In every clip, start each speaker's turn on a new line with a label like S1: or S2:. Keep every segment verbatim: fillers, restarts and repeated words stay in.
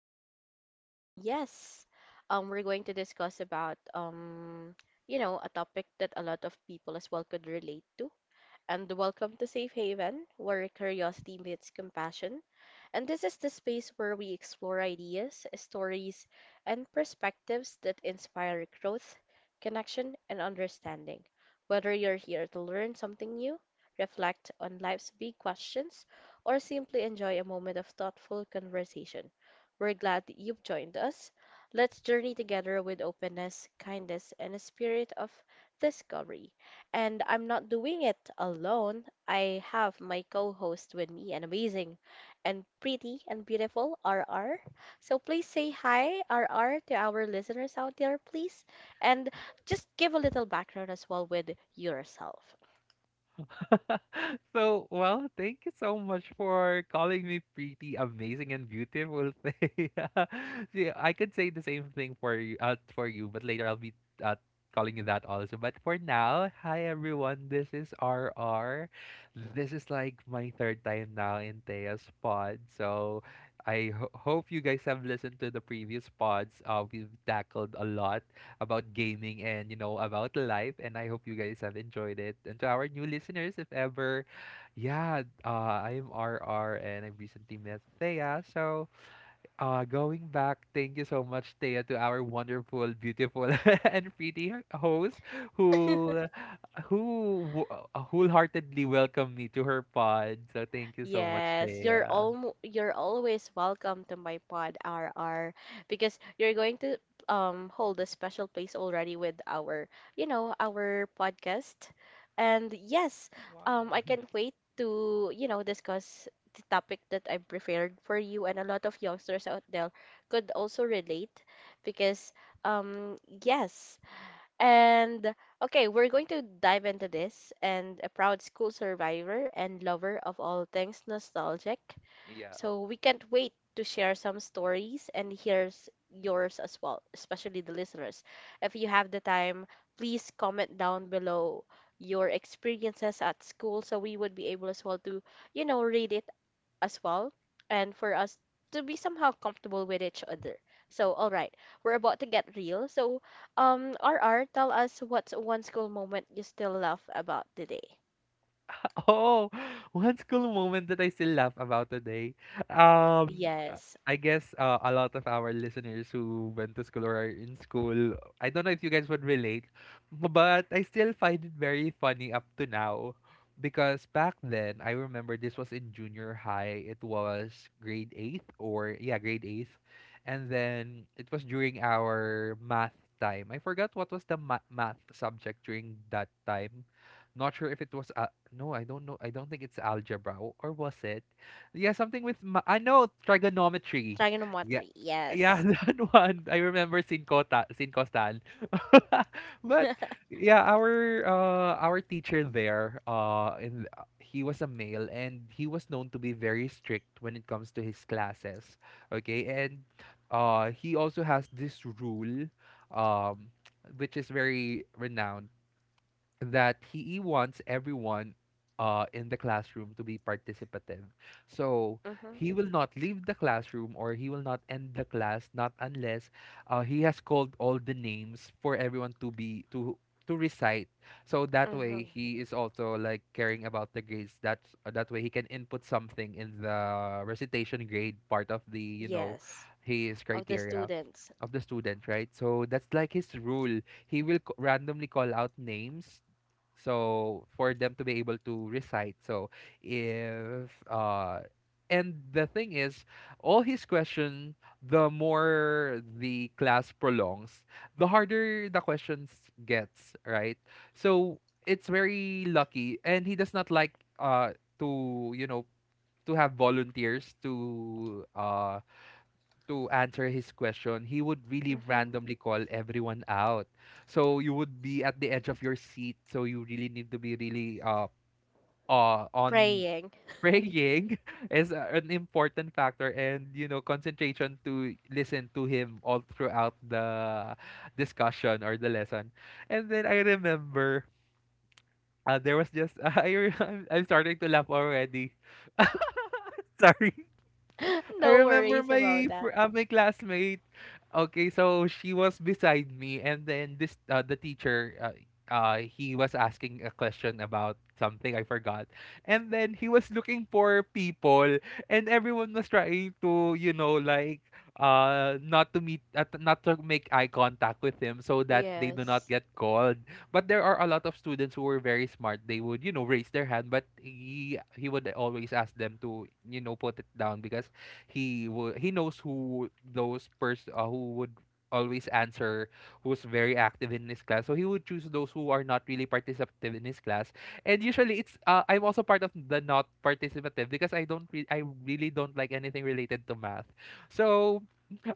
S1: And um yes, um we're going to discuss about um you know, a topic that a lot of people as well could relate to. And welcome to Safe Haven, where curiosity meets compassion. And this is the space where we explore ideas, stories, and perspectives that inspire growth, connection, and understanding. Whether you're here to learn something new, reflect on life's big questions, or simply enjoy a moment of thoughtful conversation, we're glad that you've joined us. Let's journey together with openness, kindness, and a spirit of discovery. And I'm not doing it alone. I have my co host with me, an amazing and pretty and beautiful R R. So please say hi, R R, to our listeners out there, please. And just give a little background as well with yourself.
S2: So, well, thank you so much for calling me pretty amazing and beautiful. Thea. See, I could say the same thing for you, uh, for you, but later I'll be uh, calling you that also. But for now, hi everyone. This is R R. This is like my third time now in Thea's pod. So, I ho- hope you guys have listened to the previous pods. Uh, we've tackled a lot about gaming and, you know, about life. And I hope you guys have enjoyed it. And to our new listeners, if ever, yeah, uh, I am R R and I recently met Thea. So uh, going back, thank you so much, Thea, to our wonderful, beautiful, and pretty host who who wo- uh, wholeheartedly welcomed me to her pod. So thank you so much,
S1: Yes, you're
S2: Thea.
S1: all you're always welcome to my pod, R R, because you're going to um hold a special place already with our, you know, our podcast. And yes, um
S2: Wow.
S1: I can't wait to, you know, discuss the topic that I prepared for you, and a lot of youngsters out there could also relate. Because um yes, and Okay, we're going to dive into this. And a proud school survivor and lover of all things nostalgic.
S2: Yeah.
S1: So we can't wait to share some stories, and here's yours as well, especially the listeners. If you have the time, please comment down below your experiences at school, so we would be able as well to, you know, read it as well and for us to be somehow comfortable with each other. So, all right, we're about to get real. So, um, R R, tell us, what's one school moment you still laugh about today?
S2: Oh, one school moment that I still laugh about today. Um,
S1: Yes,
S2: uh, I guess uh, a lot of our listeners who went to school or are in school, I don't know if you guys would relate, b- but I still find it very funny up to now. Because back then, I remember this was in junior high. It was grade eighth or, yeah, grade eighth. And then it was during our math time. I forgot what was the ma math subject during that time. Not sure if it was a, no, I don't know. I don't think it's algebra, o- or was it? Yeah, something with ma- I know trigonometry. Yeah,
S1: trigonometry.
S2: yeah,
S1: Yes.
S2: that one. I remember sin cota, sin costan. But yeah, our uh our teacher there uh in th- uh, he was a male and he was known to be very strict when it comes to his classes. Okay, and uh he also has this rule um which is very renowned, that he wants everyone uh, in the classroom to be participative. So
S1: Mm-hmm.
S2: he will not leave the classroom, or he will not end the class, not unless uh, he has called all the names for everyone to be to to recite. So that way
S1: Mm-hmm.
S2: he is also like caring about the grades. That's that way he can input something in the recitation grade part of the, you know,
S1: Yes.
S2: his
S1: Of the
S2: criteria
S1: students.
S2: of the student, right? So that's like his rule. He will c- randomly call out names so for them to be able to recite. So if uh, and the thing is, all his question, the more the class prolongs, the harder the questions gets, right? So it's very lucky, and he does not like uh to, you know, to have volunteers to uh to answer his question. He would really
S1: Mm-hmm.
S2: randomly call everyone out. So you would be at the edge of your seat. So you really need to be really uh, uh on
S1: Praying.
S2: praying. Is a- an important factor, and you know, concentration to listen to him all throughout the discussion or the lesson. And then I remember uh, there was just I re- I'm I'm starting to laugh already. Sorry. I
S1: No worries
S2: remember
S1: about
S2: my
S1: that.
S2: fr- uh, my classmate. Okay, so she was beside me, and then this uh, the teacher. Uh, uh, he was asking a question about something I forgot, and then he was looking for people, and everyone was trying to, you know, like, uh, not to meet, uh, t- not to make eye contact with him, so that they do not
S1: Yes.
S2: get called. But there are a lot of students who were very smart. They would, you know, raise their hand, but he he would always ask them to, you know, put it down because he would he knows who those pers uh, who would always answer, who's very active in his class. So he would choose those who are not really participative in his class. And usually it's uh, I'm also part of the not participative, because i don't re- i really don't like anything related to math. So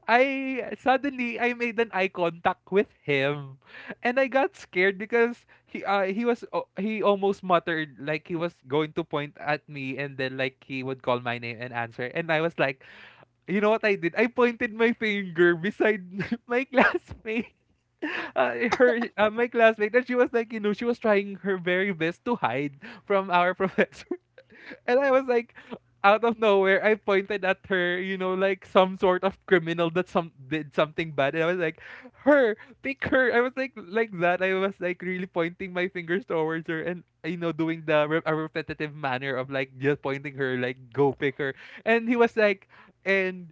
S2: I suddenly I made an eye contact with him, and I got scared because he uh, he was o he almost muttered like he was going to point at me, and then like he would call my name and answer. And I was like, you know what I did? I pointed my finger beside my classmate. Uh, her, uh, my classmate, and she was like, you know, she was trying her very best to hide from our professor. And I was like, out of nowhere, I pointed at her, you know, like some sort of criminal that some did something bad. And I was like, her, pick her. I was like, like that. I was like really pointing my fingers towards her, and, you know, doing the re- a repetitive manner of like just pointing her, like, go pick her. And he was like, and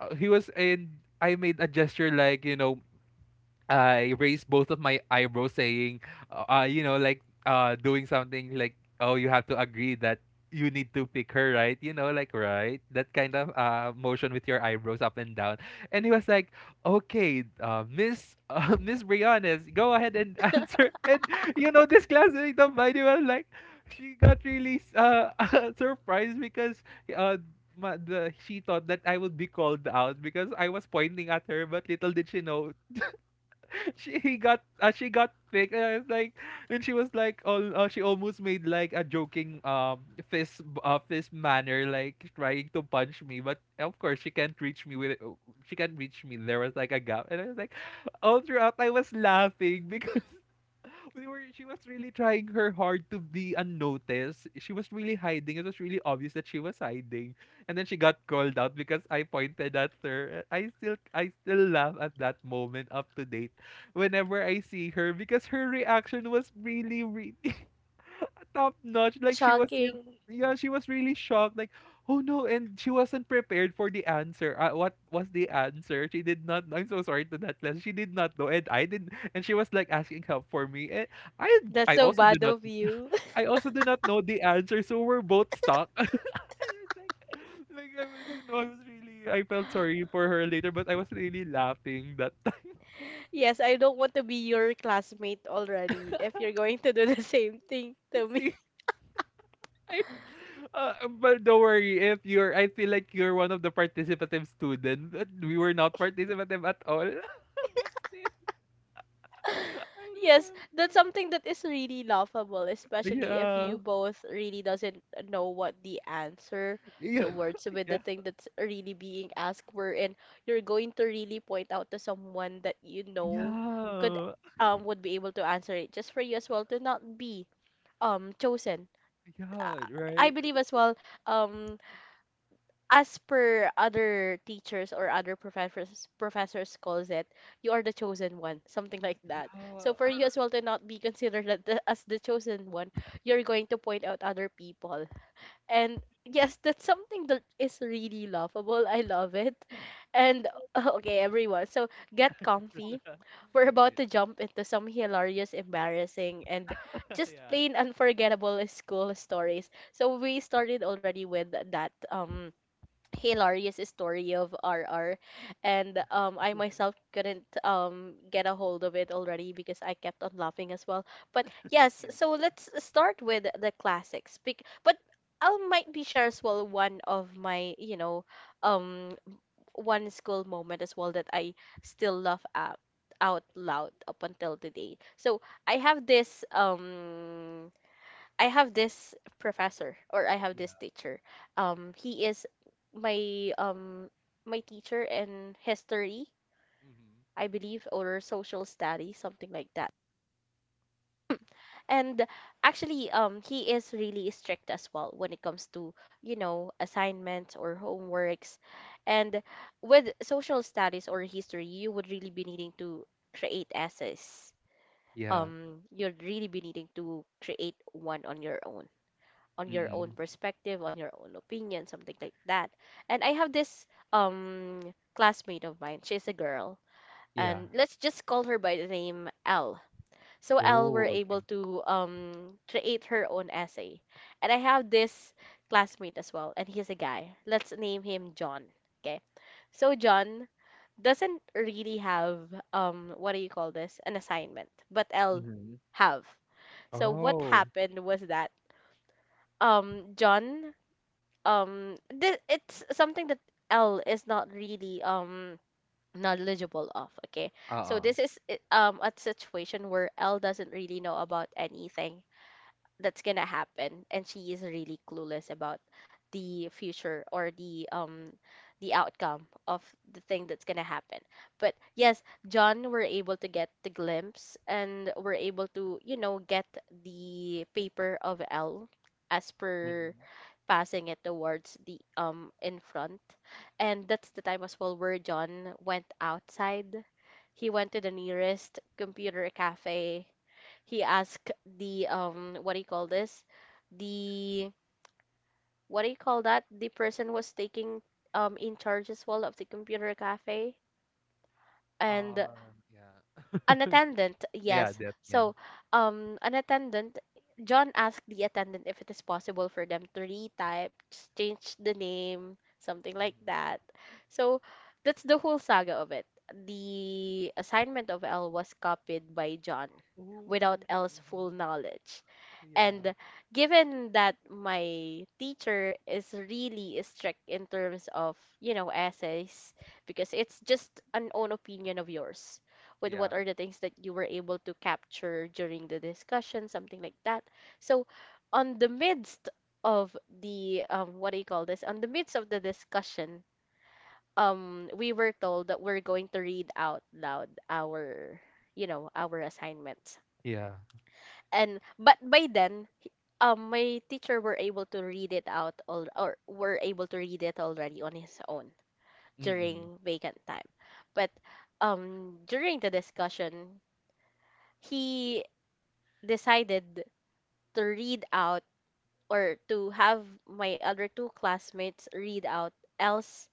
S2: uh, he was, and I made a gesture like, you know, I raised both of my eyebrows saying, uh, uh, you know, like uh, doing something like, oh, you have to agree that you need to pick her, right? You know, like, right? That kind of uh, motion with your eyebrows up and down. And he was like, okay, uh, Miss uh, Miss Brianes, go ahead and answer. And, you know, this classmate of mine, he was like, she got really uh, surprised because uh, ma- the, she thought that I would be called out because I was pointing at her, but little did she know she he got uh, she got picked. And I was like, and she was like all uh, she almost made like a joking um fist uh, fist manner, like trying to punch me, but of course she can't reach me with it. She can't reach me, there was like a gap. And I was like, all throughout I was laughing because We were she was really trying her hard to be unnoticed. She was really hiding. It was really obvious that she was hiding. And then she got called out because I pointed at her. I still I still laugh at that moment up to date, whenever I see her, because her reaction was really really top notch. Like she was
S1: Shocking.
S2: sur- yeah, she was really shocked. Like, oh no, and she wasn't prepared for the answer. Uh, what was the answer? She did not I'm so sorry to that class. She did not know, and I didn't. And she was like asking help for me. And I
S1: That's
S2: I
S1: so
S2: also do
S1: bad
S2: not
S1: of you.
S2: I also do not know the answer. So we're both stuck. I was like, like I was, you know, I was really I felt sorry for her later, but I was really laughing that time.
S1: Yes, I don't want to be your classmate already if you're going to do the same thing to me.
S2: I- Uh, but don't worry, if you're I feel like you're one of the participative students. We were not participative at all. But still I
S1: Yes, that's
S2: remember.
S1: something that is really laughable, especially if
S2: Yeah.
S1: you both really doesn't know what the answer
S2: Yeah.
S1: towards with
S2: Yeah.
S1: the thing that's really being asked for, and you're going to really point out to someone that you know could
S2: Yeah.
S1: um would be able to answer it just for you as well to not be um chosen. Uh,
S2: Yeah,
S1: I
S2: right.
S1: believe as well um as per other teachers or other professors, professors calls it, you are the chosen one, something like that. So for
S2: Yeah.
S1: you as well to not be considered at the- as the chosen one, you're going to point out other people. And yes, that's something that is really laughable, I love it. And okay everyone, so get comfy, we're about to jump into some hilarious, embarrassing, and just
S2: Yeah.
S1: plain unforgettable school stories. So we started already with that um hilarious story of R R, and um I myself couldn't um get a hold of it already because I kept on laughing as well. But yes,
S2: Yeah.
S1: so let's start with the classics. Bec- But I will might be sure as well one of my, you know, um one school moment as well that I still laugh at out loud up until today. So I have this um I have this professor, or I have
S2: Yeah.
S1: this teacher. Um, he is my um my teacher in history,
S2: Mm-hmm.
S1: I believe, or social studies, something like that. And actually, um, he is really strict as well when it comes to, you know, assignments or homeworks. And with social studies or history, you would really be needing to create essays.
S2: Yeah.
S1: Um, you'd really be needing to create one on your own, on your own
S2: Mm-mm.
S1: perspective, on your own opinion, something like that. And I have this um classmate of mine. She's a girl,
S2: Yeah.
S1: and let's just call her by the name L. So L were
S2: Oh, okay.
S1: able to um create her own essay. And I have this classmate as well, and he's a guy. Let's name him John. Okay. So John doesn't really have um what do you call this? An assignment, but L
S2: Mm-hmm.
S1: have. So what
S2: Oh.
S1: happened was that um John um th- it's something that L is not really um knowledgeable of. Okay,
S2: Uh.
S1: so
S2: Uh-uh.
S1: this is i- um a situation where L doesn't really know about anything that's gonna happen, and she is really clueless about the future or the um the outcome of the thing that's gonna happen. But yes, John were able to get the glimpse and were able to, you know, get the paper of L as per
S2: Mm-hmm.
S1: passing it towards the um in front. And that's the time as well where John went outside. He went to the nearest computer cafe. He asked the um what do you call this? The what do you call that? The person who was taking um in charge as well of the computer cafe. And
S2: Uh, yeah.
S1: an attendant,
S2: Yeah,
S1: yes.
S2: that yeah.
S1: So, um, an attendant, John asked the attendant if it is possible for them to retype, just change the name, something like that. So, that's the whole saga of it. The assignment of L was copied by John
S2: Oh,
S1: without L's full
S2: mhm.
S1: knowledge.
S2: Yeah.
S1: And given that my teacher is really strict in terms of, you know, essays, because it's just an own opinion of yours with what
S2: Yeah.
S1: are the things that you were able to capture during the discussion, something like that. So, on the midst of the, um, what do you call this? On the midst of the discussion, um, we were told that we're going to read out loud our, you know, our assignments.
S2: Yeah.
S1: And but by then he- um My teacher were able to read it out all, or were able to read it already on his own
S2: Mm-mm.
S1: during vacant time. But um during the discussion, he decided to read out, or to have my other two classmates read out, Elle's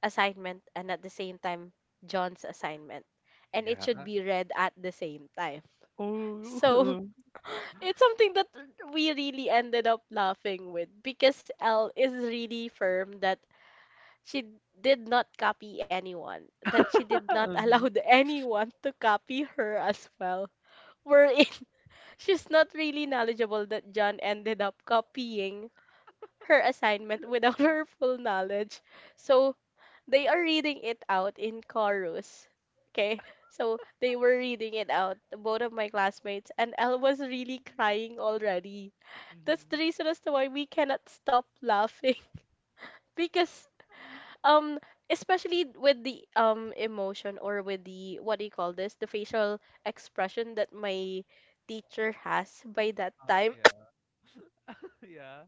S1: assignment and at the same time John's assignment, and it
S2: Yeah.
S1: should
S2: Uh,
S1: be read at the same time.
S2: Oh.
S1: So
S2: Mhm.
S1: it's something that we really ended up laughing with, because Elle is really firm that she d- did not copy anyone, that she did not allow the- anyone to copy her as well. Wherein she's not really knowledgeable that John ended up copying her assignment without her
S2: Yeah.
S1: full knowledge. So they are reading it out in chorus. Okay, so they were reading it out, both of my classmates, and Elle was really crying already. That's the
S2: Mm-hmm.
S1: reason as to why we cannot stop laughing because um especially with the um emotion, or with the what do you call this, the facial expression that my teacher has by that
S2: Uh,
S1: time.
S2: yeah. Yeah.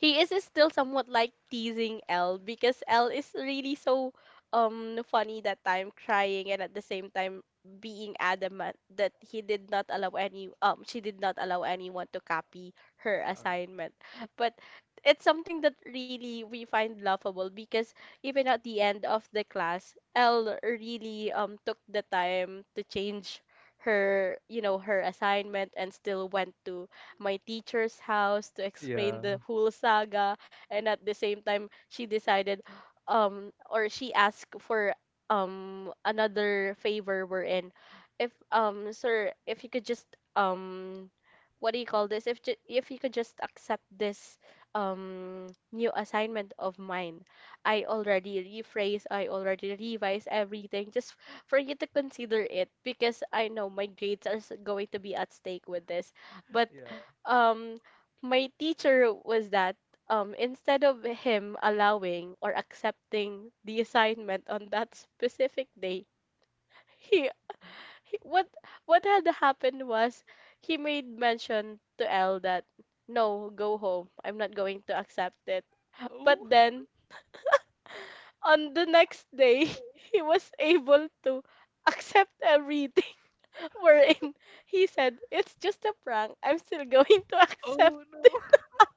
S1: He is still somewhat like teasing L, because L is really so um funny that time, crying and at the same time being adamant that he did not allow any um she did not allow anyone to copy her
S2: Um,
S1: assignment. But it's something that really we find laughable, because even at the end of the class, L really um took the time to change her, you know, her assignment, and still went to my teacher's house to explain the
S2: yeah.
S1: whole saga. And at the same time, she decided, um, or she asked for um another favor, wherein if um sir, if you could just um what do you call this, if ju- if you could just accept this um new assignment of mine, I already rephrase, I already revise everything, just for you to consider it, because I know my grades are s- going to be at stake with this. But
S2: Yeah.
S1: um my teacher was that, um instead of him allowing or accepting the assignment on that specific day, he, he what what had happened was he made mention to L that no, go home, I'm not going to accept it. But
S2: Oh.
S1: then on the next day he was able to accept everything, wherein he said it's just a prank, I'm still going to accept.
S2: Oh no.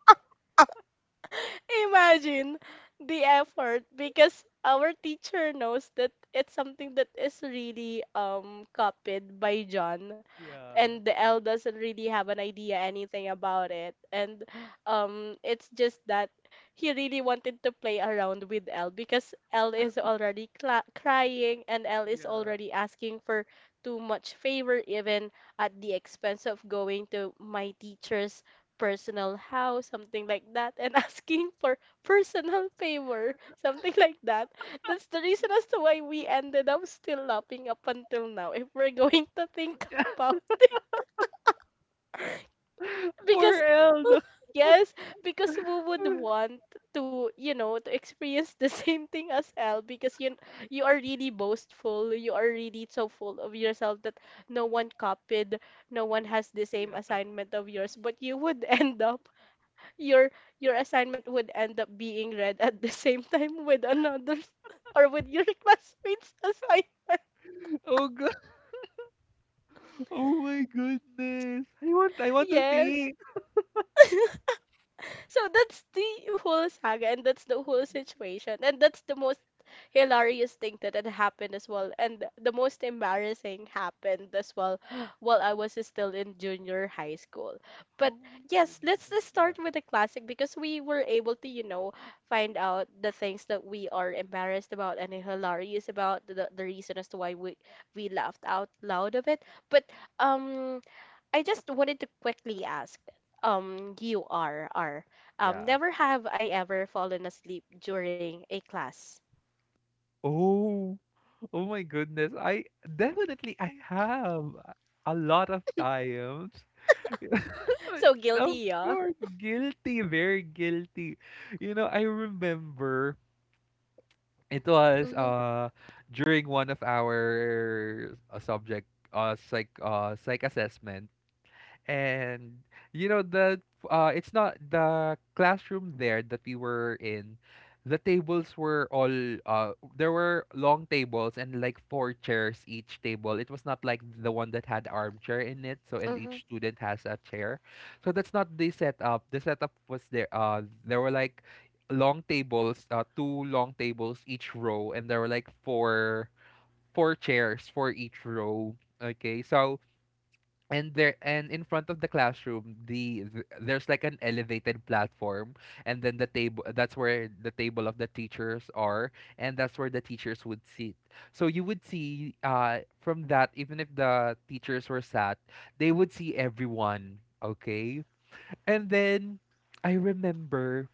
S1: Imagine the effort, because our teacher knows that it's something that is really um copied by John,
S2: Yeah.
S1: and the L doesn't really have an idea anything about it. And um, it's just that he really wanted to play around with L, because L is already cla crying, and L is
S2: Yeah.
S1: already asking for too much favor, even at the expense of going to my teacher's personal house, something like that, and asking for personal favor, something like that. That's the reason as to why we ended up still laughing up until now. If we're going to think
S2: Yeah.
S1: about
S2: Poor
S1: because
S2: Elna.
S1: who- yes because who would want to you know to experience the same thing as L because you you are really boastful, you are really so full of yourself that no one copied, no one has the same
S2: Yeah.
S1: assignment of yours, but you would end up your your assignment would end up being read at the same time with another or with your classmate's assignment.
S2: Oh god. Oh my goodness. I want I want to
S1: Yes.
S2: see.
S1: So that's the whole saga, and that's the whole situation, and that's the most hilarious thing that had happened as well, and the most embarrassing happened as well, while I was still in junior high school. But
S2: Oh my
S1: yes,
S2: goodness.
S1: let's just
S2: Yeah.
S1: start with the classic because we were able to, you know, find out the things that we are embarrassed about and hilarious about the, the reason as to why we we laughed out loud of it. But um I just wanted to quickly ask, um, you are are um,
S2: Yeah.
S1: never have I ever fallen asleep during a class.
S2: Oh, oh my goodness. I definitely I have a lot of times.
S1: So
S2: Of
S1: guilty, yeah.
S2: course, guilty, very guilty. You know, I remember it was
S1: Mm-hmm.
S2: uh during one of our uh, subject uh psych uh psych assessment. And you know the uh it's not the classroom there that we were in. The tables were all uh there were long tables, and like four chairs each table. It was not like the one that had armchair in it, so and
S1: Mm-hmm.
S2: each student has a chair. So that's not the setup. The setup was there uh there were like long tables, uh two long tables each row, and there were like four four chairs for each row. Okay. So and there and in front of the classroom the th- there's like an elevated platform, and then the table, that's where the table of the teachers are, and that's where the teachers would sit. So you would see uh from that, even if the teachers were sat, they would see everyone, okay. And then I remember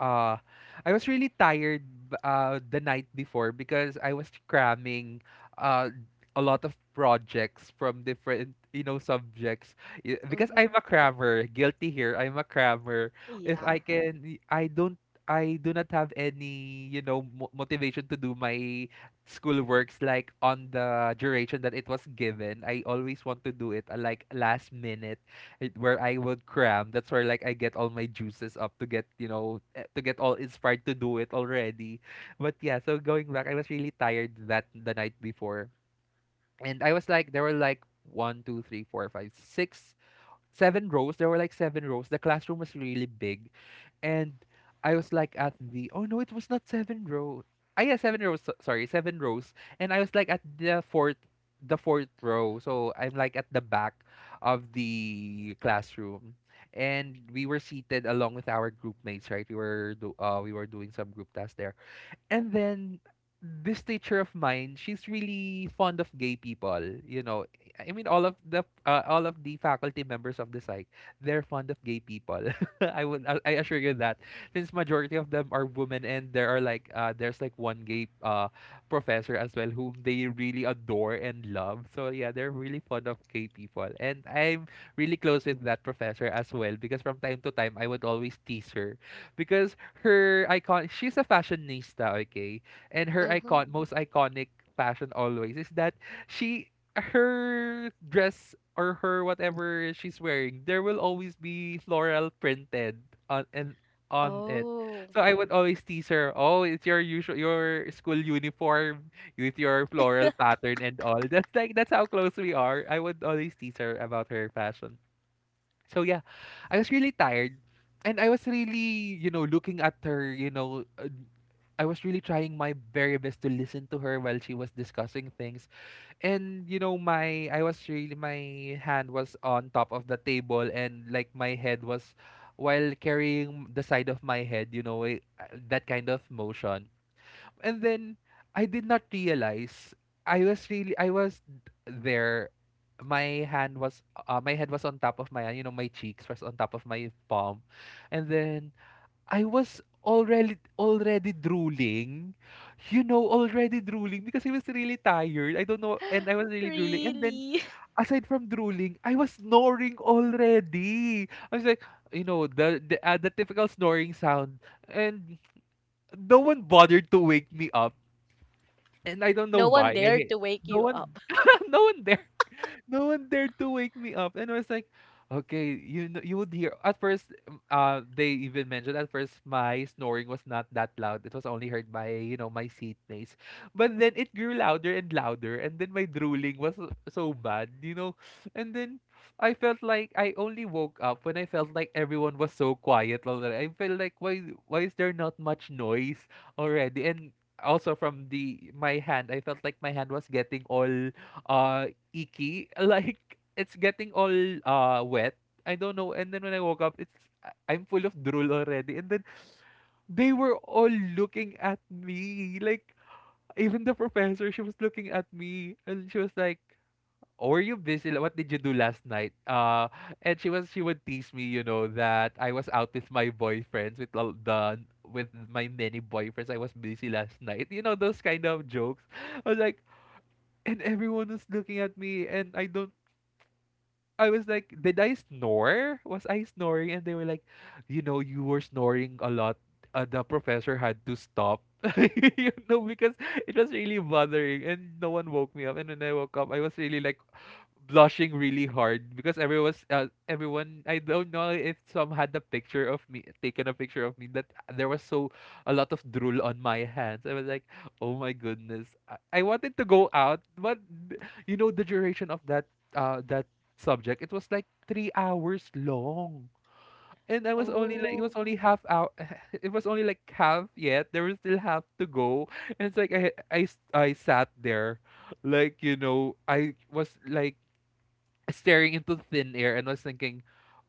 S2: uh I was really tired b- uh the night before, because I was cramming uh a lot of projects from different you know subjects. Y- because I'm
S1: Hmm.
S2: a crammer, guilty here, I'm a crammer. if
S1: Yeah.
S2: I can I don't I do not have any, you know, mo- motivation to do my school works like on the duration that it was given. I always want to do it uh, like last minute. It, where I would cram. That's where like I get all my juices up to get you know eh, to get all inspired to do it already. But yeah, so going back, I was really tired that the night before, and I was like there were like one, two, three, four, five, six, seven rows. There were like seven rows. The classroom was really big, and I was like at the— oh no, it was not seven row. Ah yeah, seven rows. so- Sorry, seven rows. And I was like at the fourth, the fourth row. So I'm like at the back of the classroom, and we were seated along with our group mates. Right, we were do uh we were doing some group tasks there and then this teacher of mine, she's really fond of gay people. You know, I mean, all of the uh, all of the faculty members of the psych, they're fond of gay people. I would, I I assure you that, since majority of them are women, and there are like, uh, there's like one gay uh professor as well whom they really adore and love. So yeah, they're really fond of gay people, and I'm really close with that professor as well because from time to time I would always tease her because her icon— she's a fashionista, okay? And her
S1: Mm-hmm.
S2: icon, most iconic fashion always is that she— her dress or her whatever she's wearing, there will always be floral printed on— and on it.
S1: Oh,
S2: So I would always tease her, "Oh, it's your usual, your school uniform with your floral pattern and all." That's like that's how close we are. I would always tease her about her fashion. So yeah, I was really tired and I was really, you know, looking at her, you know, uh, I was really trying my very best to listen to her while she was discussing things. And you know, my I was really— my hand was on top of the table and like my head was while carrying the side of my head, you know, eh, uh, that kind of motion. And then I did not realize I was really I was d- there. My hand was uh, my head was on top of my hand. You know, my cheeks was on top of my palm, and then I was already already drooling. You know, already drooling because I was really tired. I don't know, and I was really drooling. And then
S1: really?
S2: aside from drooling, I was snoring already. I was like, you know, the the, uh, the typical snoring sound, and no one bothered to wake me up and I don't know
S1: No one
S2: why, I
S1: dared
S2: hate—
S1: to wake
S2: no
S1: you
S2: one—
S1: up.
S2: no one— there— no one dared to wake me up and I was like, okay, you know, you would hear at first, um, uh they even mentioned at first my snoring was not that loud, it was only heard by, you know, my seatmates, but then it grew louder and louder, and then my drooling was so so bad, you know. And then I felt like I only woke up when I felt like everyone was so quiet already. I felt like, why why is there not much noise already? And also from the— my hand, I felt like my hand was getting all uh icky. Like it's getting all uh wet. I don't know. And then when I woke up, it's— I- I'm full of drool already. And then they were all looking at me. Like even the professor, she was looking at me, and she was like, oh, "Were you busy? Like, what did you do last night?" Uh, and she was she would tease me, you know, that I was out with my boyfriends, with all the— with my many boyfriends. I was busy last night. You know, those kind of jokes. I was like, and everyone was looking at me, and I don't— I was like, did I snore? Was I snoring? And they were like, you know, you were snoring a lot. Uh, the professor had to stop, you know, because it was really bothering. And no one woke me up. And when I woke up, I was really like, blushing really hard because everyone's uh, everyone— I don't know if some had a picture of me, taken a picture of me, that there was so— a lot of drool on my hands. I was like, "Oh my goodness. I, I wanted to go out, but th- you know, the duration of that uh that subject, it was like three hours long. And I was only like— it was
S1: Oh.
S2: only half out. It was only like half yet. There was still half to go. And it's like I I s- I sat there like, you know, I was like staring into thin air and was thinking,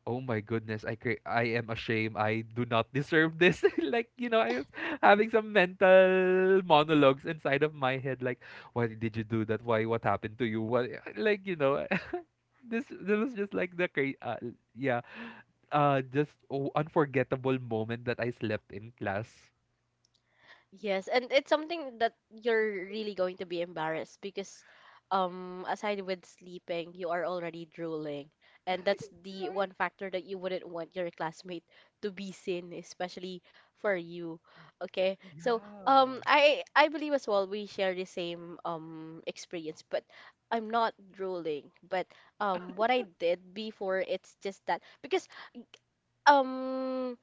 S2: "Oh my goodness, I cre- I am ashamed. I do not deserve this." Like, you know, I was having some mental monologues inside of my head, like, "Why did you do that? Why? What happened to you? What?" Like, you know, this this was just like the cra- uh, yeah, uh, just, oh, unforgettable moment that I slept in class.
S1: Yes, and it's something that you're really going to be embarrassed because um aside with sleeping, you are already drooling. And that's the
S2: Right?
S1: one factor that you wouldn't want your classmate to be seen, especially for you. Okay. So um
S2: Yeah.
S1: I I believe as well we share the same um experience, but I'm not drooling. But um what I did before, it's just that because um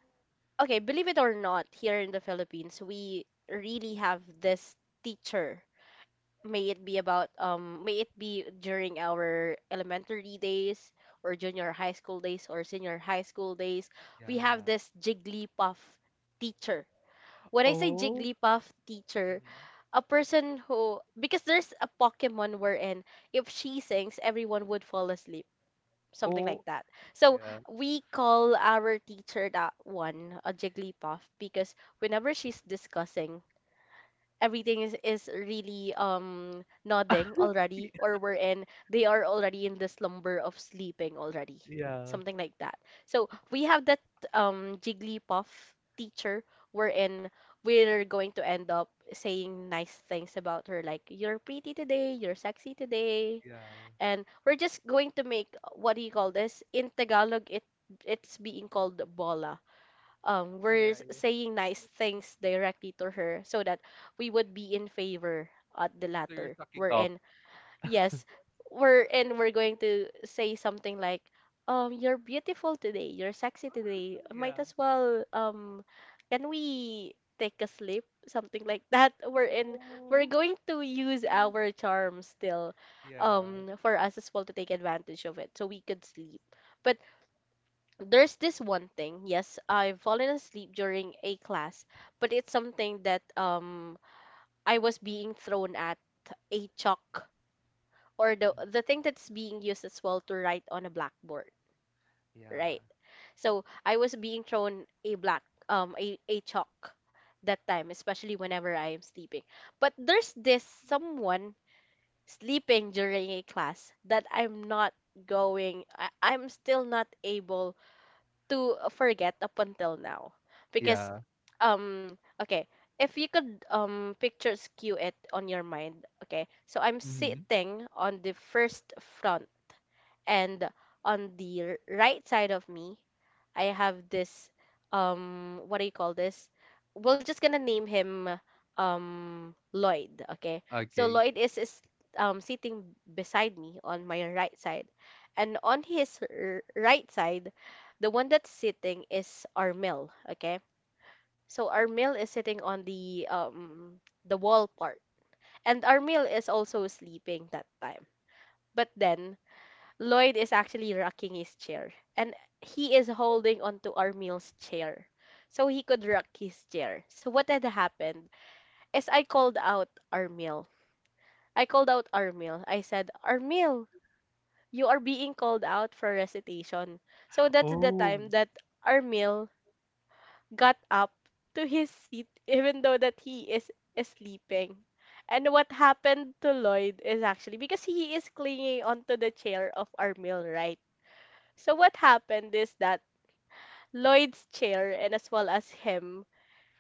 S1: okay, believe it or not, here in the Philippines, we really have this teacher. May it be about um may it be during our elementary days or junior high school days or senior high school days, we have
S2: Yeah.
S1: this Jigglypuff teacher. When I say
S2: Oh.
S1: Jigglypuff teacher,
S2: Mhm.
S1: a person who, because there's a Pokemon wherein if she sings, everyone would fall asleep, something like
S2: Oh.
S1: that. So
S2: Yeah.
S1: we call our teacher that one a Jigglypuff because whenever she's discussing, everything is, is really um nodding already, or we're in they are already in the slumber of sleeping already,
S2: Yeah.
S1: something like that. So we have that um Jigglypuff teacher, wherein we're going to end up saying nice things about her like you're pretty today, you're sexy today,
S2: Yeah.
S1: and we're just going to make, what do you call this in Tagalog, it it's being called bola, um
S2: Yeah,
S1: we're s-
S2: yeah.
S1: saying nice things directly to her so that we would be in favor at the
S2: So you're
S1: latter
S2: sucking up.
S1: wherein. Yes, we're and we're going to say something like, um, you're beautiful today, you're sexy today. Might
S2: Yeah.
S1: as well, um, can we take a sleep? Something like that. We're in. We're
S2: Oh.
S1: going to use our charm still,
S2: Yeah.
S1: um, for us as well to take advantage of it, so we could sleep. But there's this one thing. Yes, I've fallen asleep during a class, but it's something that um I was being thrown at a chalk, or the
S2: Mm.
S1: the thing that's being used as well to write on a blackboard,
S2: Yeah.
S1: right? So I was being thrown a black um a, a chalk that time, especially whenever I am sleeping. But there's this someone sleeping during a class that I'm not going I, I'm still not able to forget up until now. Because
S2: Yeah.
S1: um okay, if you could um picture skew it on your mind, okay. So I'm
S2: Mm-hmm.
S1: sitting on the first front, and on the r- right side of me, I have this, um what do you call this? We're just gonna name him um Lloyd, okay? So
S2: Okay.
S1: Lloyd is, is um sitting beside me on my right side. And on his r- right side, the one that's sitting is Armel, okay? So Armel is sitting on the um the wall part. And Armel is also sleeping that time. But then Lloyd is actually rocking his chair and he is holding onto Armil's chair so he could rock his chair. So what had happened is I called out Armil. I called out Armil. I said, Armil, you are being called out for recitation. So that's the
S2: Oh.
S1: time that Armil got up to his seat even though that he is sleeping. And what happened to Lloyd is actually because he is clinging onto the chair of Armil, right? So what happened is that Lloyd's chair, and as well as him,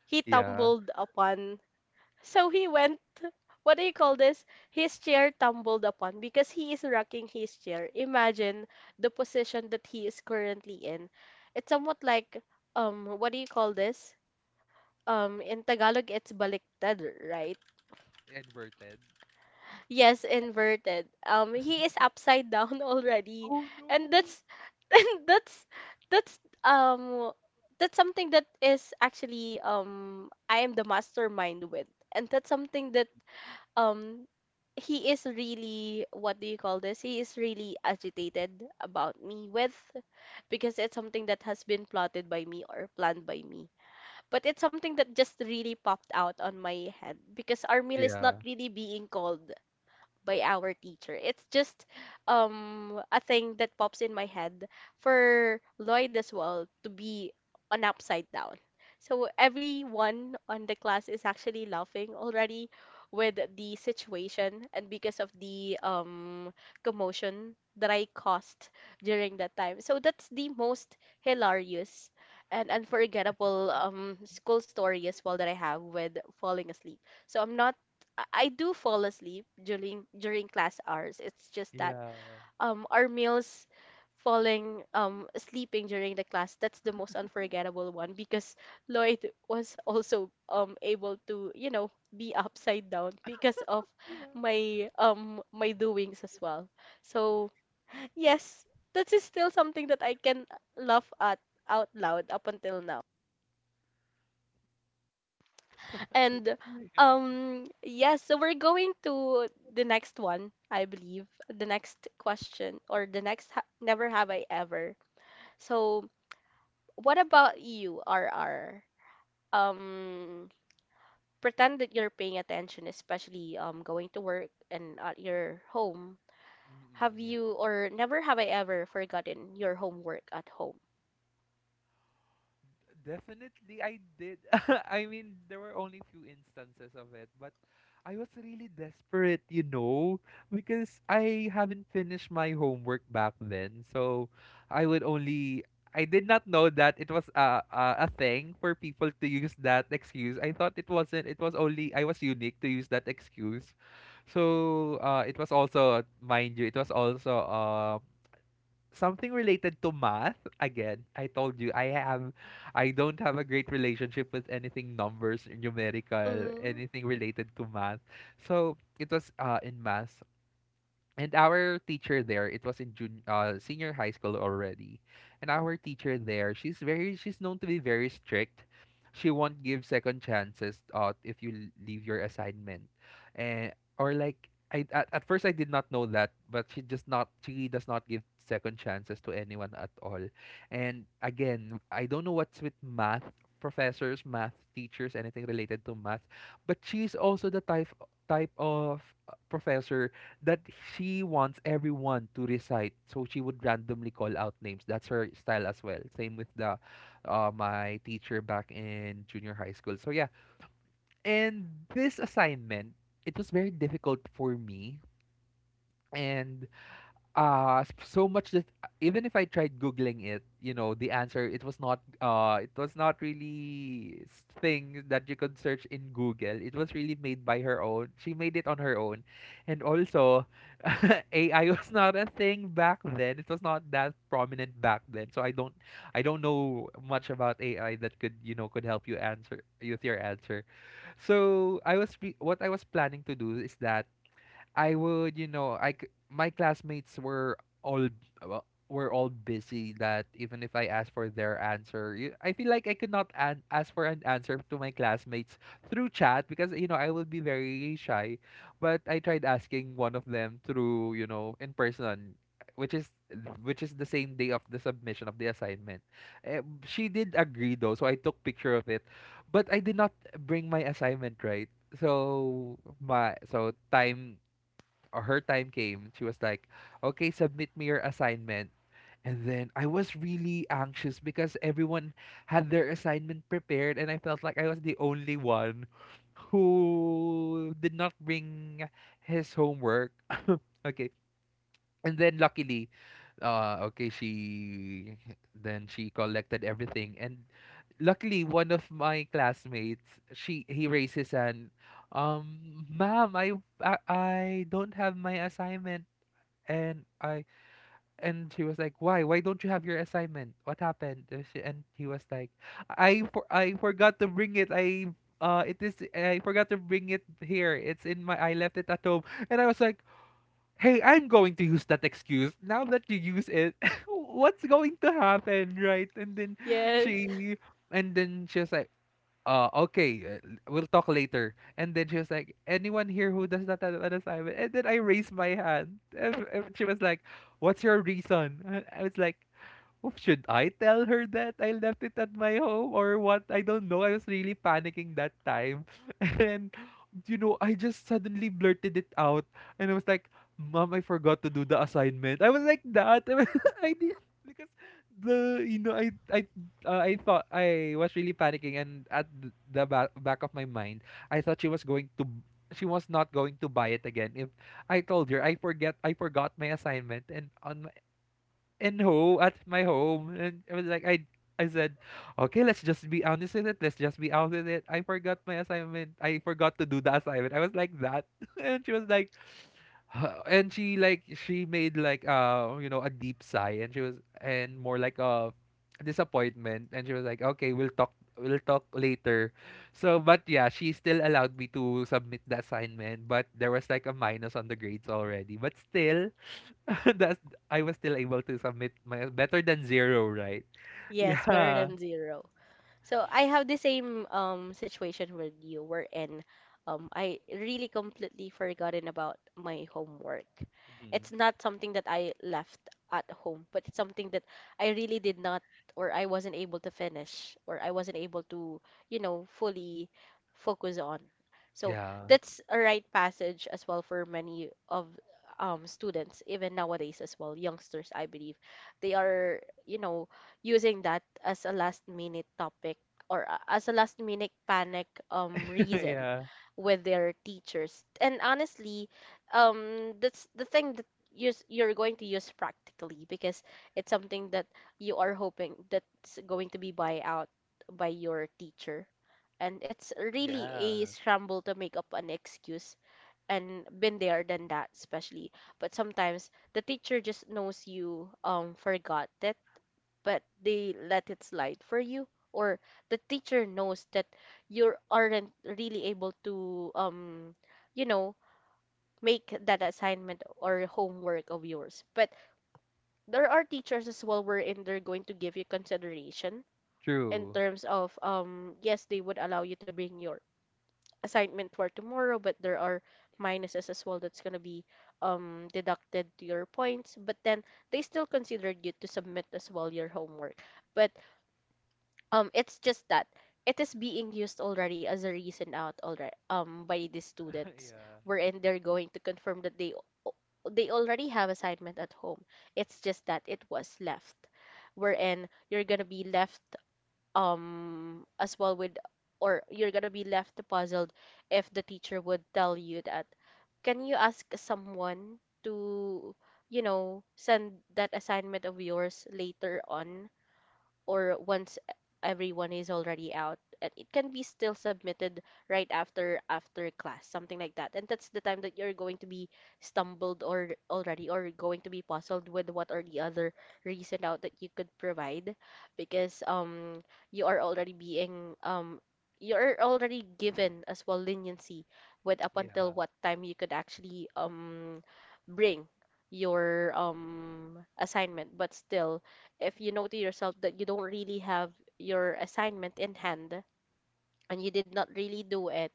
S1: he
S2: Yeah.
S1: tumbled upon. So he went, what do you call this? His chair tumbled upon because he is rocking his chair. Imagine the position that he is currently in. It's somewhat like, um what do you call this? Um in Tagalog it's baliktad, right?
S2: Inverted.
S1: Yes, inverted. Um, he is upside down already,
S2: Oh no.
S1: and that's and that's that's um that's something that is actually, um I am the mastermind with, and that's something that um he is really, what do you call this? He is really agitated about me with, because it's something that has been plotted by me or planned by me. But it's something that just really popped out on my head because our meal is not
S2: Yeah.
S1: really being called by our teacher. It's just um a thing that pops in my head for Lloyd as well to be on upside down. So everyone on the class is actually laughing already with the situation and because of the um commotion that I caused during that time. So that's the most hilarious and unforgettable um school story as well that I have with falling asleep. So I'm not I I do fall asleep during during class hours. It's just that
S2: Yeah.
S1: um our meals falling um sleeping during the class, that's the most unforgettable one because Lloyd was also um able to, you know, be upside down because of
S2: Yeah.
S1: my um my doings as well. So yes, that is still something that I can laugh at out loud up until now.
S2: That's—
S1: And
S2: yeah.
S1: um yes, so we're going to the next one, I believe. The next question or the next ha- never have I ever. So, what about you, R R? Um pretend that you're paying attention, especially um going to work and at your home. Have
S2: Mm-mm,
S1: you,
S2: yeah.
S1: or never have I ever, forgotten your homework at home?
S2: Definitely, I did. I mean, there were only few instances of it, but I was really desperate, you know, because I haven't finished my homework back then. So I would only— I did not know that it was a, a, a thing for people to use that excuse. I thought it wasn't. It was only— I was unique to use that excuse. So uh, it was also, mind you, it was also um, something related to math. Again, I told you, I have— I don't have a great relationship with anything numbers, numerical,
S1: Hmm.
S2: anything related to math. So it was uh in math. And our teacher there, it was in junior, uh, senior high school already. And our teacher there, she's very— she's known to be very strict. She won't give second chances uh, if you l- leave your assignment. And, or like, I at, at first I did not know that, but she just— not she does not give second chances to anyone at all. And again, I don't know what's with math professors, math teachers, anything related to math, but she's also the type type of uh, professor that she wants everyone to recite. So she would randomly call out names. That's her style as well. Same with the uh, my teacher back in junior high school. So yeah. And this assignment, it was very difficult for me. And uh s- so much that uh, even if I tried googling it, you know, the answer, it was not uh it was not really s- thing that you could search in Google. It was really made by her own. She made it on her own. And also, A I was not a thing back then. It was not that prominent back then. So I don't I don't know much about A I that could, you know, could help you answer with your answer. So I was re- what I was planning to do is that I would, you know, I c- my classmates were all— well, were all busy, that even if I asked for their answer, you— I feel like I could not an- ask for an answer to my classmates through chat because you know I would be very shy. But I tried asking one of them through, you know, in person, which is— which is the same day of the submission of the assignment. Eh, she did agree though, so I took picture of it, but I did not bring my assignment, right? So my— so time— uh, her time came, she was like, "Okay, submit me your assignment." And then I was really anxious because everyone had their assignment prepared, and I felt like I was the only one who did not bring his homework. Okay, and then luckily, uh, okay, she— then she collected everything, and luckily one of my classmates, she he raised his hand, um, ma'am, I I, I don't have my assignment, and I— and she was like, why— why don't you have your assignment? What happened? And she- and he was like, I for, I forgot to bring it. I uh, it is I forgot to bring it here. It's in my— I left it at home. And I was like, hey, I'm going to use that excuse. Now that you use it, what's going to happen, right? And then
S1: Yes.
S2: she— and then she was like, uh, okay, uh, we'll talk later. And then she was like, anyone here who does not have an assignment? And then I raised my hand. And, and she was like, what's your reason? And I was like, "Oh, should I tell her that I left it at my home or what? I don't know. I was really panicking that time." And, you know, I just suddenly blurted it out. And I was like, "Mom, I forgot to do the assignment." I was like that. I, I did because the you know I I uh, I thought I was really panicking, and at th- the ba- back of my mind I thought she was going to b- she was not going to buy it again if I told her I forget I forgot my assignment and on in home at my home. And I was like, I I said, "Okay, let's just be honest with it. Let's just be out with it. I forgot my assignment. I forgot to do the assignment." I was like that. And she was like, "Huh," and she, like, she made like uh you know a deep sigh, and she was, and more like a disappointment. And she was like, "Okay, we'll talk we'll talk later." So, but yeah, she still allowed me to submit the assignment, but there was like a minus on the grades already. But still, That's I was still able to submit my, better than zero, right?
S1: Yes, better
S2: Yeah.
S1: than zero. So I have the same um situation with you wherein um I really completely forgotten about my homework.
S2: Mhm.
S1: It's not something that I left at home, but it's something that I really did not, or I wasn't able to finish, or I wasn't able to, you know, fully focus on. So
S2: Yeah.
S1: that's a right passage as well for many of um students, even nowadays as well, youngsters, I believe they are, you know, using that as a last minute topic or a- as a last minute panic um reason
S2: Yeah.
S1: with their teachers. And honestly, um that's the thing that you you're going to use practically because it's something that you are hoping that's going to be buy out by your teacher. And it's really a
S2: Yeah.
S1: scramble to make up an excuse, and been there than that, especially. But sometimes the teacher just knows you um forgot it but they let it slide for you, or the teacher knows that you aren't really able to um you know make that assignment or homework of yours, but there are teachers as well wherein they're going to give you consideration in
S2: True.
S1: terms of, um yes, they would allow you to bring your assignment for tomorrow, but there are minuses as well that's going to be um deducted to your points, but then they still considered you to submit as well your homework. But Um, it's just that it is being used already as a reason out already um by the students
S2: Yeah.
S1: wherein they're going to confirm that they al- they already have assignment at home. It's just that it was left. Wherein you're gonna be left um as well with, or you're gonna be left puzzled, if the teacher would tell you that can you ask someone to, you know, send that assignment of yours later on, or once everyone is already out and it can be still submitted right after after class, something like that. And that's the time that you're going to be stumbled or already, or going to be puzzled with what are the other reason out that you could provide, because um you are already being um you're already given as well leniency with up until
S2: Yeah.
S1: what time you could actually um bring your um assignment. But still, if you know to yourself that you don't really have your assignment in hand and you did not really do it,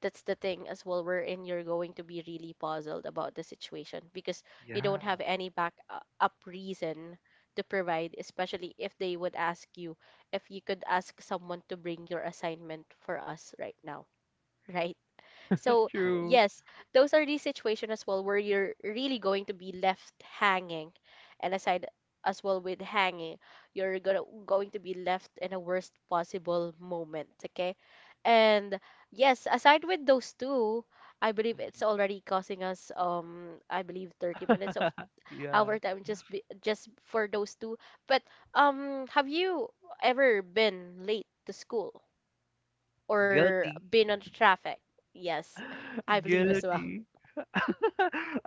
S1: that's the thing as well wherein you're going to be really puzzled about the situation, because you
S2: Yeah.
S1: don't have any back uh, up reason to provide, especially if they would ask you if you could ask someone to bring your assignment for us right now, right? So
S2: True.
S1: yes, those are the situation as well where you're really going to be left hanging, and aside as well with hanging, you're gonna going to be left in a worst possible moment. Okay, and yes, aside with those two, I believe it's
S2: Mhm.
S1: already causing us um I believe thirty minutes of
S2: Yeah.
S1: our time just be, just for those two. But um, have you ever been late to school or
S2: Guilty.
S1: been on traffic? Yes, I believe as well.
S2: Guilty.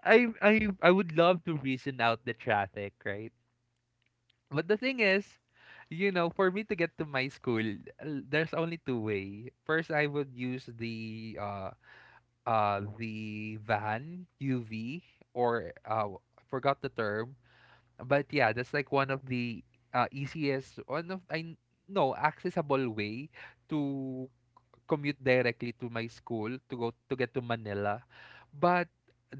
S2: I I I would love to reason out the traffic, right? But the thing is, you know, for me to get to my school, uh, there's only two way. First, I would use the uh uh the van U V, or uh I forgot the term, but yeah, that's like one of the uh easiest, one of, I, no, accessible way to commute directly to my school, to go to get to Manila. But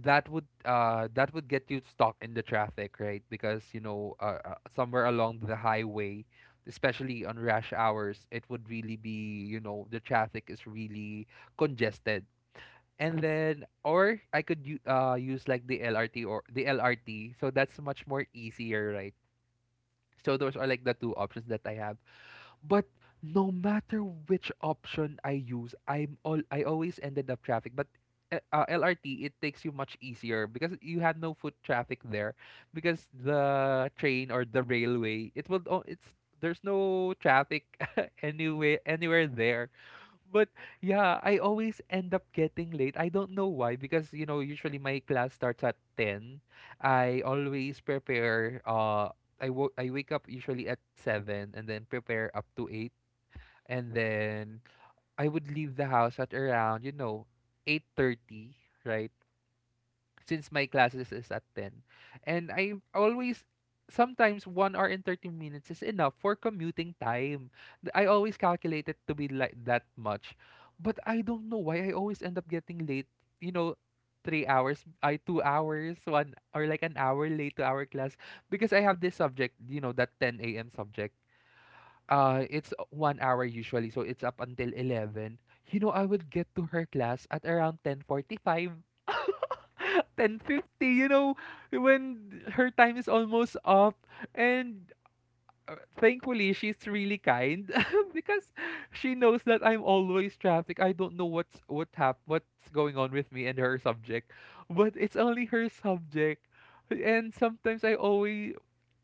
S2: that would uh that would get you stuck in the traffic, right? Because you know uh, uh, somewhere along the highway. Especially on rush hours, it would really be, you know, the traffic is really congested. And then, or I could u- uh use like the L R T or the L R T. So that's much more easier, right? So those are like the two options that I have. But no matter which option I use, I'm all I always ended up traffic. But uh, uh, L R T, it takes you much easier because you had no foot traffic there, because the train, or the railway, it will oh, it's there's no traffic anyway anywhere there. But yeah, I always end up getting late. I don't know why, because you know usually my class starts at ten. I always prepare, uh I wo- I wake up usually at seven and then prepare up to eight, and then I would leave the house at around, you know eight thirty, right? Since my classes is at ten. And I always sometimes one hour and thirty minutes is enough for commuting time. Th- I always calculate it to be like that much. But I don't know why I always end up getting late, you know, three hours, I two hours, one, or like an hour late to our class, because I have this subject, you know, that ten a m subject. Uh, it's one hour usually, so it's up until eleven. You know, I would get to her class at around ten forty-five, ten fifty, you know, when her time is almost up. And uh, thankfully, she's really kind, because she knows that I'm always traffic. I don't know what's what hap- what's going on with me and her subject, but it's only her subject. And sometimes I always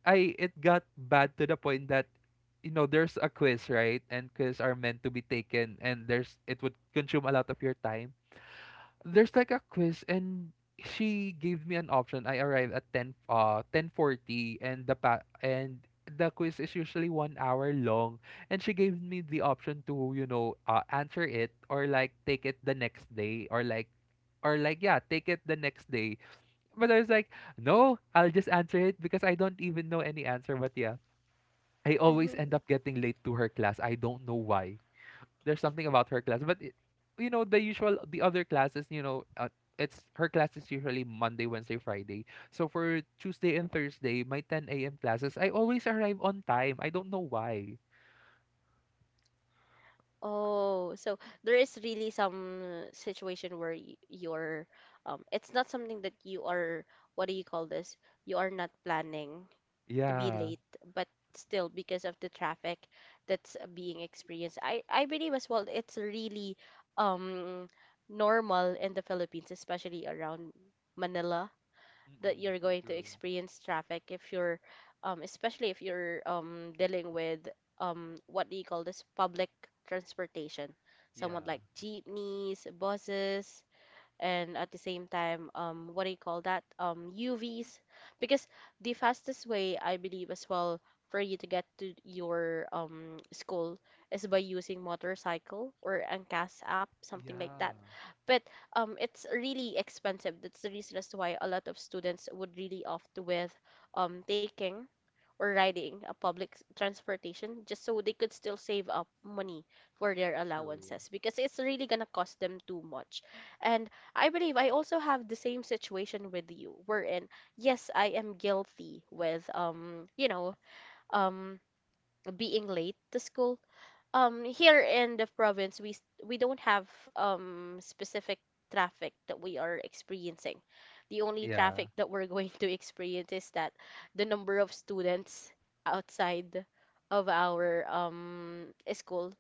S2: I it got bad to the point that, you know there's a quiz, right? And quiz are meant to be taken, and there's it would consume a lot of your time. There's like a quiz, and she gave me an option. I arrived at ten, uh ten forty, and the pa- and the quiz is usually one hour long, and she gave me the option to, you know uh, answer it or like take it the next day, or like, or like yeah, take it the next day. But I was like, "No, I'll just answer it because I don't even know any answer." But yeah, I always
S1: Hmm.
S2: end up getting late to her class. I don't know why. There's something about her class, but it, you know the usual, the other classes. You know, uh, it's her class is usually Monday, Wednesday, Friday. So for Tuesday and Thursday, my ten a m classes, I always arrive on time. I don't know why.
S1: Oh, so there is really some situation where y- you're, um, it's not something that you are, what do you call this? You are not planning to be
S2: Yeah.
S1: late, but still because of the traffic that's uh, being experienced. I, I believe as well, it's really um normal in the Philippines, especially around Manila, that
S2: Mm-mm.
S1: you're going to
S2: True.
S1: experience traffic if you're, um especially if you're, um dealing with, um what do you call this, public transportation, somewhat
S2: Yeah.
S1: like jeepneys, buses, and at the same time, um what do you call that, um U Vs. Because the fastest way, I believe as well, for you to get to your um school is by using motorcycle or Angkas app, something like that.
S2: Yeah.
S1: But um it's really expensive. That's the reason as to why a lot of students would really opt with um taking or riding a public s- transportation, just so they could still save up money for their
S2: True.
S1: allowances, because it's really going to cost them too much. And I believe I also have the same situation with you, wherein, yes, I am guilty with, um, you know, um being late to school. um here in the province, we s- we don't have um specific traffic that we are experiencing. The only
S2: Yeah.
S1: traffic that we're going to experience is that the number of students outside of our um school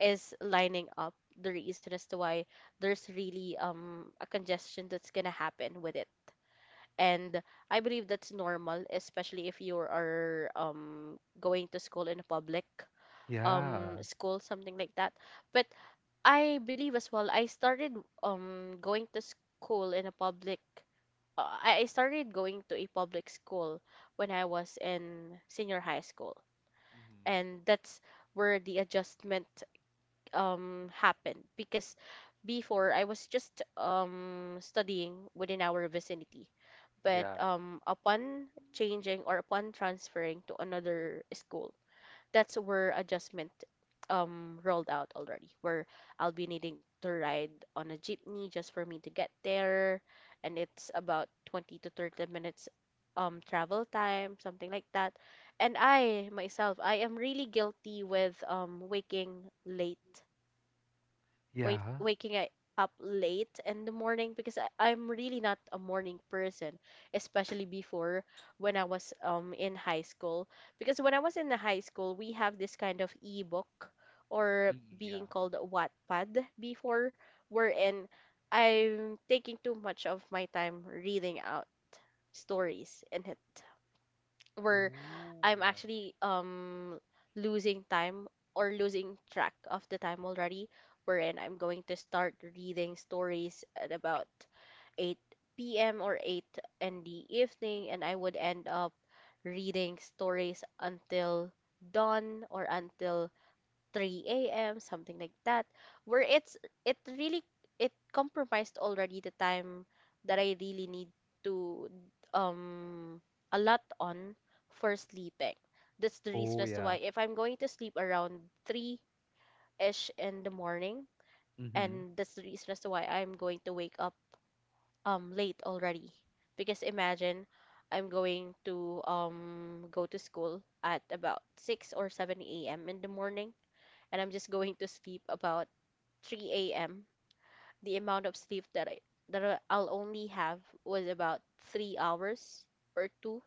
S1: is lining up, the reason as to why there's really um a congestion that's gonna happen with it. And I believe that's normal, especially if you are um going to school in public, um
S2: Yeah.
S1: school, something like that. But I believe as well, I started um going to school in a public, uh, i I started going to a public school when I was in senior high school.
S2: Mm-hmm.
S1: And that's where the adjustment um happened, because before I was just um studying within our vicinity. But
S2: Yeah.
S1: um upon changing or upon transferring to another school, that's where adjustment um rolled out already, where I'll be needing to ride on a jeepney just for me to get there. And it's about twenty to thirty minutes um travel time, something like that. And I myself, I am really guilty with um waking late wait
S2: Yeah.
S1: waking I- up late in the morning, because I, I'm really not a morning person, especially before, when I was um in high school. Because when I was in the high school, we have this kind of ebook, or
S2: Mm,
S1: being
S2: yeah.
S1: called Wattpad before, wherein I'm taking too much of my time reading out stories in it, where
S2: Oh,
S1: I'm
S2: yeah.
S1: actually um losing time or losing track of the time already, wherein I'm going to start reading stories at about eight p m or eight in the evening, and I would end up reading stories until dawn or until three a m, something like that, where it's it really it compromised already the time that I really need to, um a lot on for sleeping. That's the reason
S2: Oh
S1: as to why,
S2: yeah.
S1: if I'm going to sleep around three-ish in the morning,
S2: Mm-hmm.
S1: and that's the reason as to why I'm going to wake up um late already. Because imagine I'm going to um go to school at about six or seven a m in the morning, and I'm just going to sleep about three a m. The amount of sleep that I that I- I-'ll only have was about three hours or two,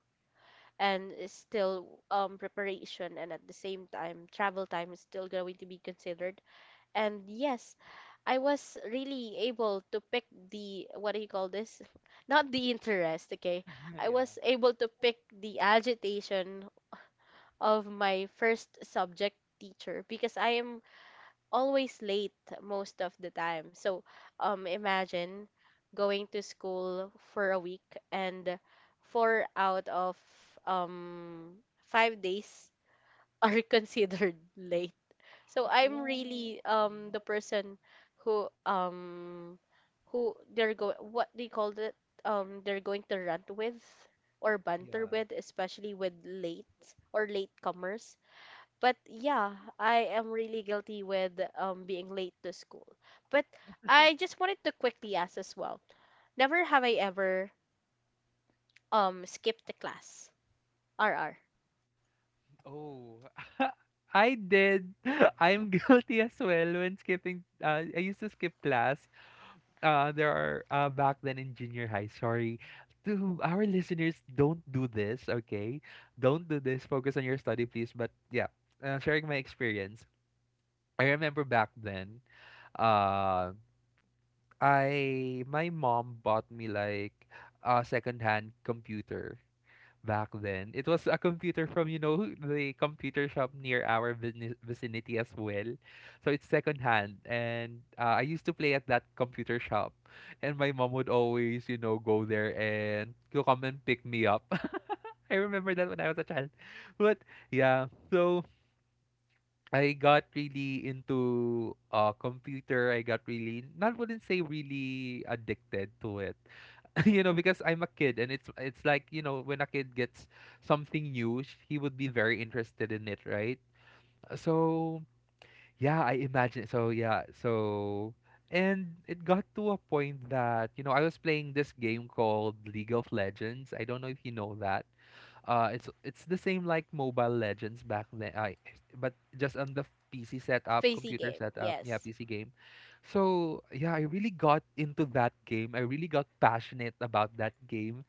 S1: and is still um preparation, and at the same time travel time is still going to be considered. And yes, I was really able to pick the, what do you call this? Not the interest, okay. I
S2: Yeah.
S1: was able to pick the agitation of my first subject teacher, because I am always late most of the time. So, um, imagine going to school for a week, and four out of um five days are considered late. So I'm
S2: Oh.
S1: really um the
S2: Mhm.
S1: person who um who, they're go what they call it, um they're going to rant with, or banter
S2: Yeah.
S1: with, especially with late or latecomers. But yeah, I am really guilty with um being late to school. But I just wanted to quickly ask as well. Never have I ever um skipped a class. R R.
S2: Oh. I did. I'm guilty as well when skipping. Uh, I used to skip class. Uh, there are uh, back then in junior high. Sorry to our listeners, don't do this. Okay, don't do this. Focus on your study, please. But yeah, uh, sharing my experience. I remember back then. Um, I my mom bought me like a secondhand computer back then. It was a computer from, you know, the computer shop near our vicini- vicinity as well. So it's secondhand, and uh, I used to play at that computer shop, and my mom would always, you know, go there and to come and pick me up. I remember that when I was a child. But yeah, so I got really into uh computer. I got really, not, wouldn't say really addicted to it. You know, because I'm a kid, and it's it's like, you know, when a kid gets something new, sh- he would be very interested in it, right? So, yeah, I imagine. So, yeah. So, and it got to a point that, you know, I was playing this game called League of Legends. I don't know if you know that. Uh, it's it's the same like Mobile Legends back then, I, but just on the P C setup,
S1: Facey
S2: computer
S1: game.
S2: setup, yeah,
S1: Yes.
S2: P C game. So yeah, I really got into that game. I really got passionate about that game,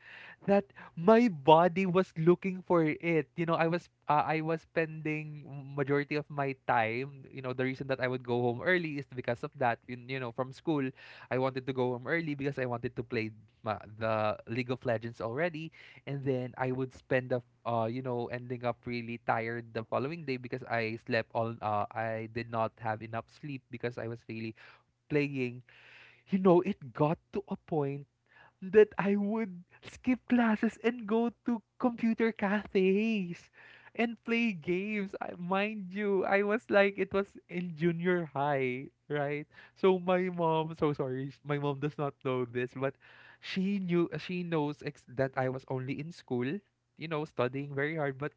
S2: that my body was looking for it. You know, I was uh, I was spending majority of my time. You know, the reason that I would go home early is because of that. You, you know, from school, I wanted to go home early because I wanted to play ma- the League of Legends already. And then I would spend up, uh you know ending up really tired the following day because I slept all, uh I did not have enough sleep because I was really playing. You know it got to a point that I would skip classes and go to computer cafes and play games. I, mind you, I was like, it was in junior high, right? So my mom, so sorry, sh- my mom does not know this, but she knew, she knows ex- that I was only in school, you know, studying very hard, but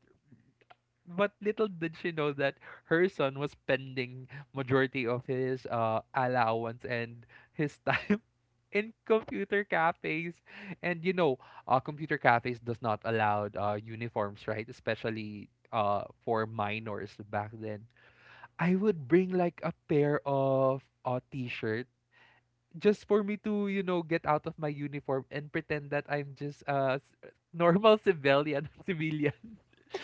S2: but little did she know that her son was spending majority of his uh allowance and his time in computer cafes. And you know, uh, computer cafes does not allow uh, uniforms, right? Especially uh, for minors back then. I would bring like a pair of uh, t-shirt just for me to you know get out of my uniform and pretend that I'm just a s- normal civilian civilian.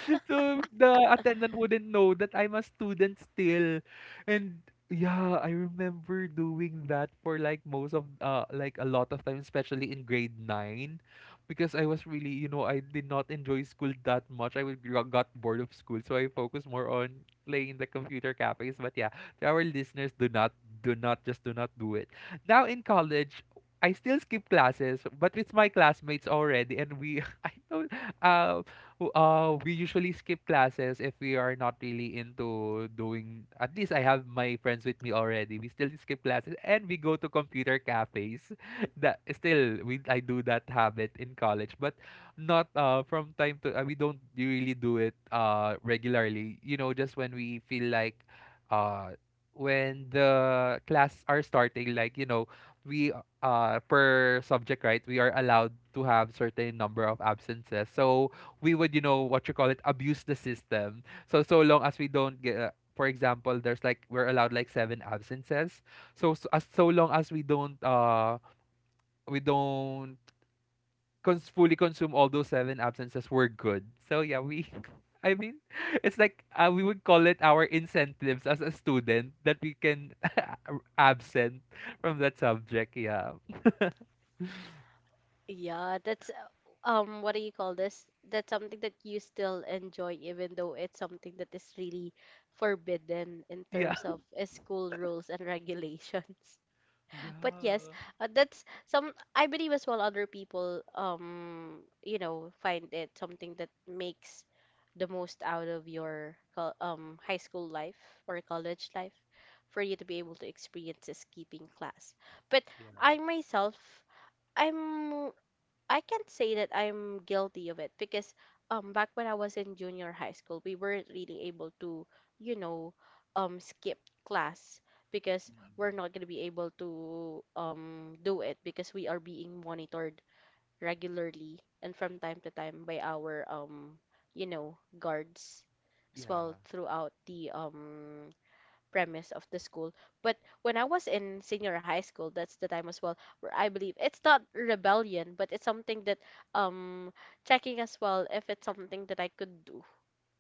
S2: So the attendant wouldn't know that I'm a student still, and yeah, I remember doing that for like most of uh like a lot of time, especially in grade nine, because I was really you know I did not enjoy school that much. I would gro- got bored of school, so I focused more on playing in the computer cafes. But yeah, to our listeners, do not, do not, just do not do it. Now in college, I still skip classes, but with my classmates already, and we I know, uh, w- uh we usually skip classes if we are not really into doing. At least I have my friends with me already. We still skip classes, and we go to computer cafes. That still we I do that habit in college, but not, uh from time to, uh, we don't really do it, uh regularly. You know, just when we feel like, uh when the class are starting, like, you know we, uh per subject, right, we are allowed to have certain number of absences. So we would, you know what you call it, abuse the system, so, so long as we don't get, uh, for example, there's like we're allowed like seven absences. So, so as so long as we don't, uh we don't cons- fully consume all those seven absences, were good. So yeah, we I mean, it's like uh, we would call it our incentives as a student that we can r- absent from that subject. Yeah.
S1: Yeah, that's uh, um what do you call this? That's something that you still enjoy, even though it's something that is really forbidden in
S2: Yeah.
S1: terms of uh, school rules and regulations. But yes,
S2: Yeah.
S1: uh, that's some, I believe as well, other people um you know, find it something that makes the most out of your col- um high school life or college life, for you to be able to experience this keeping class. But
S2: Yeah.
S1: I myself, I'm I can't say that I'm guilty of it, because um back when I was in junior high school, we weren't really able to, you know, um skip class, because
S2: Mm-mm.
S1: we're not going to be able to um do it, because we are being monitored regularly and from time to time by our, um you know, guards as well
S2: Yeah.
S1: throughout the um premise of the school. But when I was in senior high school, that's the time as well where I believe it's not rebellion, but it's something that, um checking as well if it's something that I could do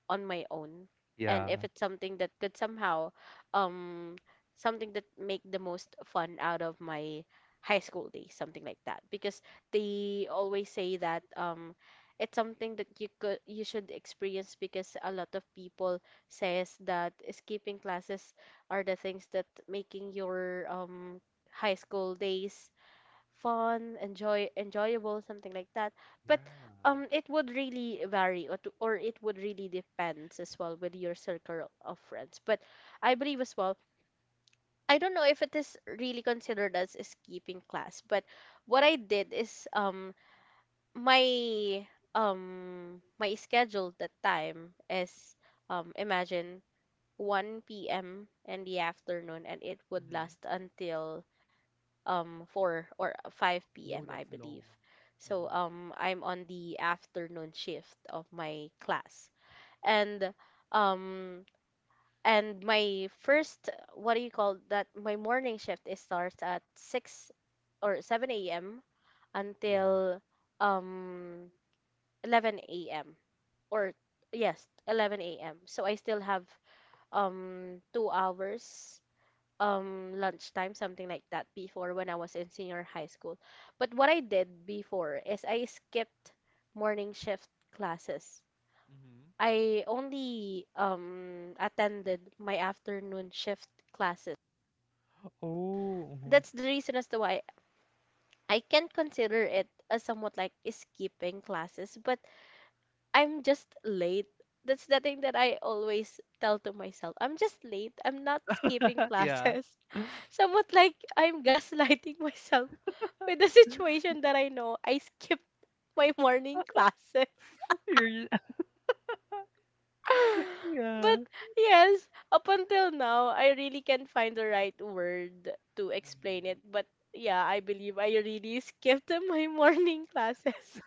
S1: on my own, and
S2: Yeah.
S1: if it's something that could somehow, um something that make the most fun out of my high school days, something like that. Because they always say that, um it's something that you could you should experience, because a lot of people says that skipping classes are the things that making your um high school days fun, enjoy enjoyable, something like that. But
S2: Yeah.
S1: um it would really vary, or, to, or it would really depends as well with your circle of friends. But I believe as well, I don't know if it is really considered as escaping class, but what I did is, um my um my schedule that time is, um imagine one p m in the afternoon, and it would
S2: Mm-hmm.
S1: last until, um four or 5
S2: Oh,
S1: p.m. I
S2: that's long.
S1: believe. So
S2: Mm-hmm.
S1: um I'm on the afternoon shift of my class. And um and my first, what do you call that, my morning shift is starts at six or seven a m
S2: Yeah.
S1: until um eleven a m, or yes, eleven a m. So I still have um two hours um lunchtime, something like that, before, when I was in senior high school. But what I did before is, I skipped morning shift classes.
S2: Mm-hmm.
S1: I only um attended my afternoon shift classes.
S2: Oh. Mhm.
S1: That's the reason as to why I can consider it as somewhat like skipping classes, but I'm just late. That's the thing that I always tell to myself. I'm just late. I'm not skipping
S2: Yeah.
S1: classes. Somewhat like I'm gaslighting myself with the situation that, I know, I skipped my morning classes.
S2: You're, yeah.
S1: But yes, up until now, I really can't find the right word to explain
S2: Mm-hmm.
S1: it. But yeah, I believe I really skipped my morning classes.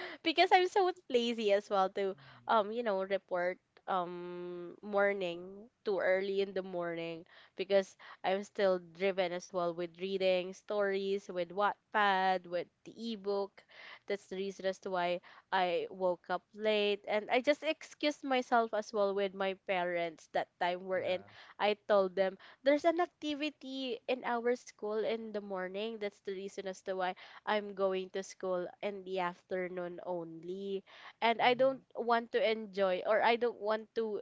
S1: Because I'm so lazy as well to, um you know, report um morning too early in the morning, because I'm still driven as well with reading stories with Wattpad, with the ebook. That's the reason as to why I woke up late, and I just excused myself as well with my parents that time, we in,
S2: Yeah.
S1: I told them there's an activity in our school in the morning. That's the reason as to why I'm going to school in the afternoon only. And I
S2: Mm-hmm.
S1: don't want to enjoy, or I don't want to,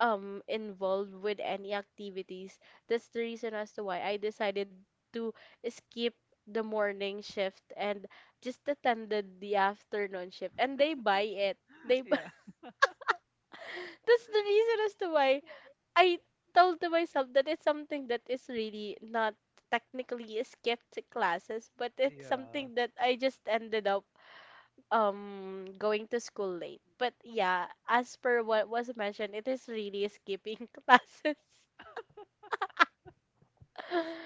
S1: um involve with any activities. That's the reason as to why I decided to skip the morning shift and just attended the afternoon shift. And they buy it. They bu-
S2: Yeah.
S1: That's the reason as to why I told to myself that it's something that is really not technically skipped classes, but it's
S2: Yeah.
S1: something that I just ended up um going to school late. But yeah, as per what was mentioned, it is really skipping classes.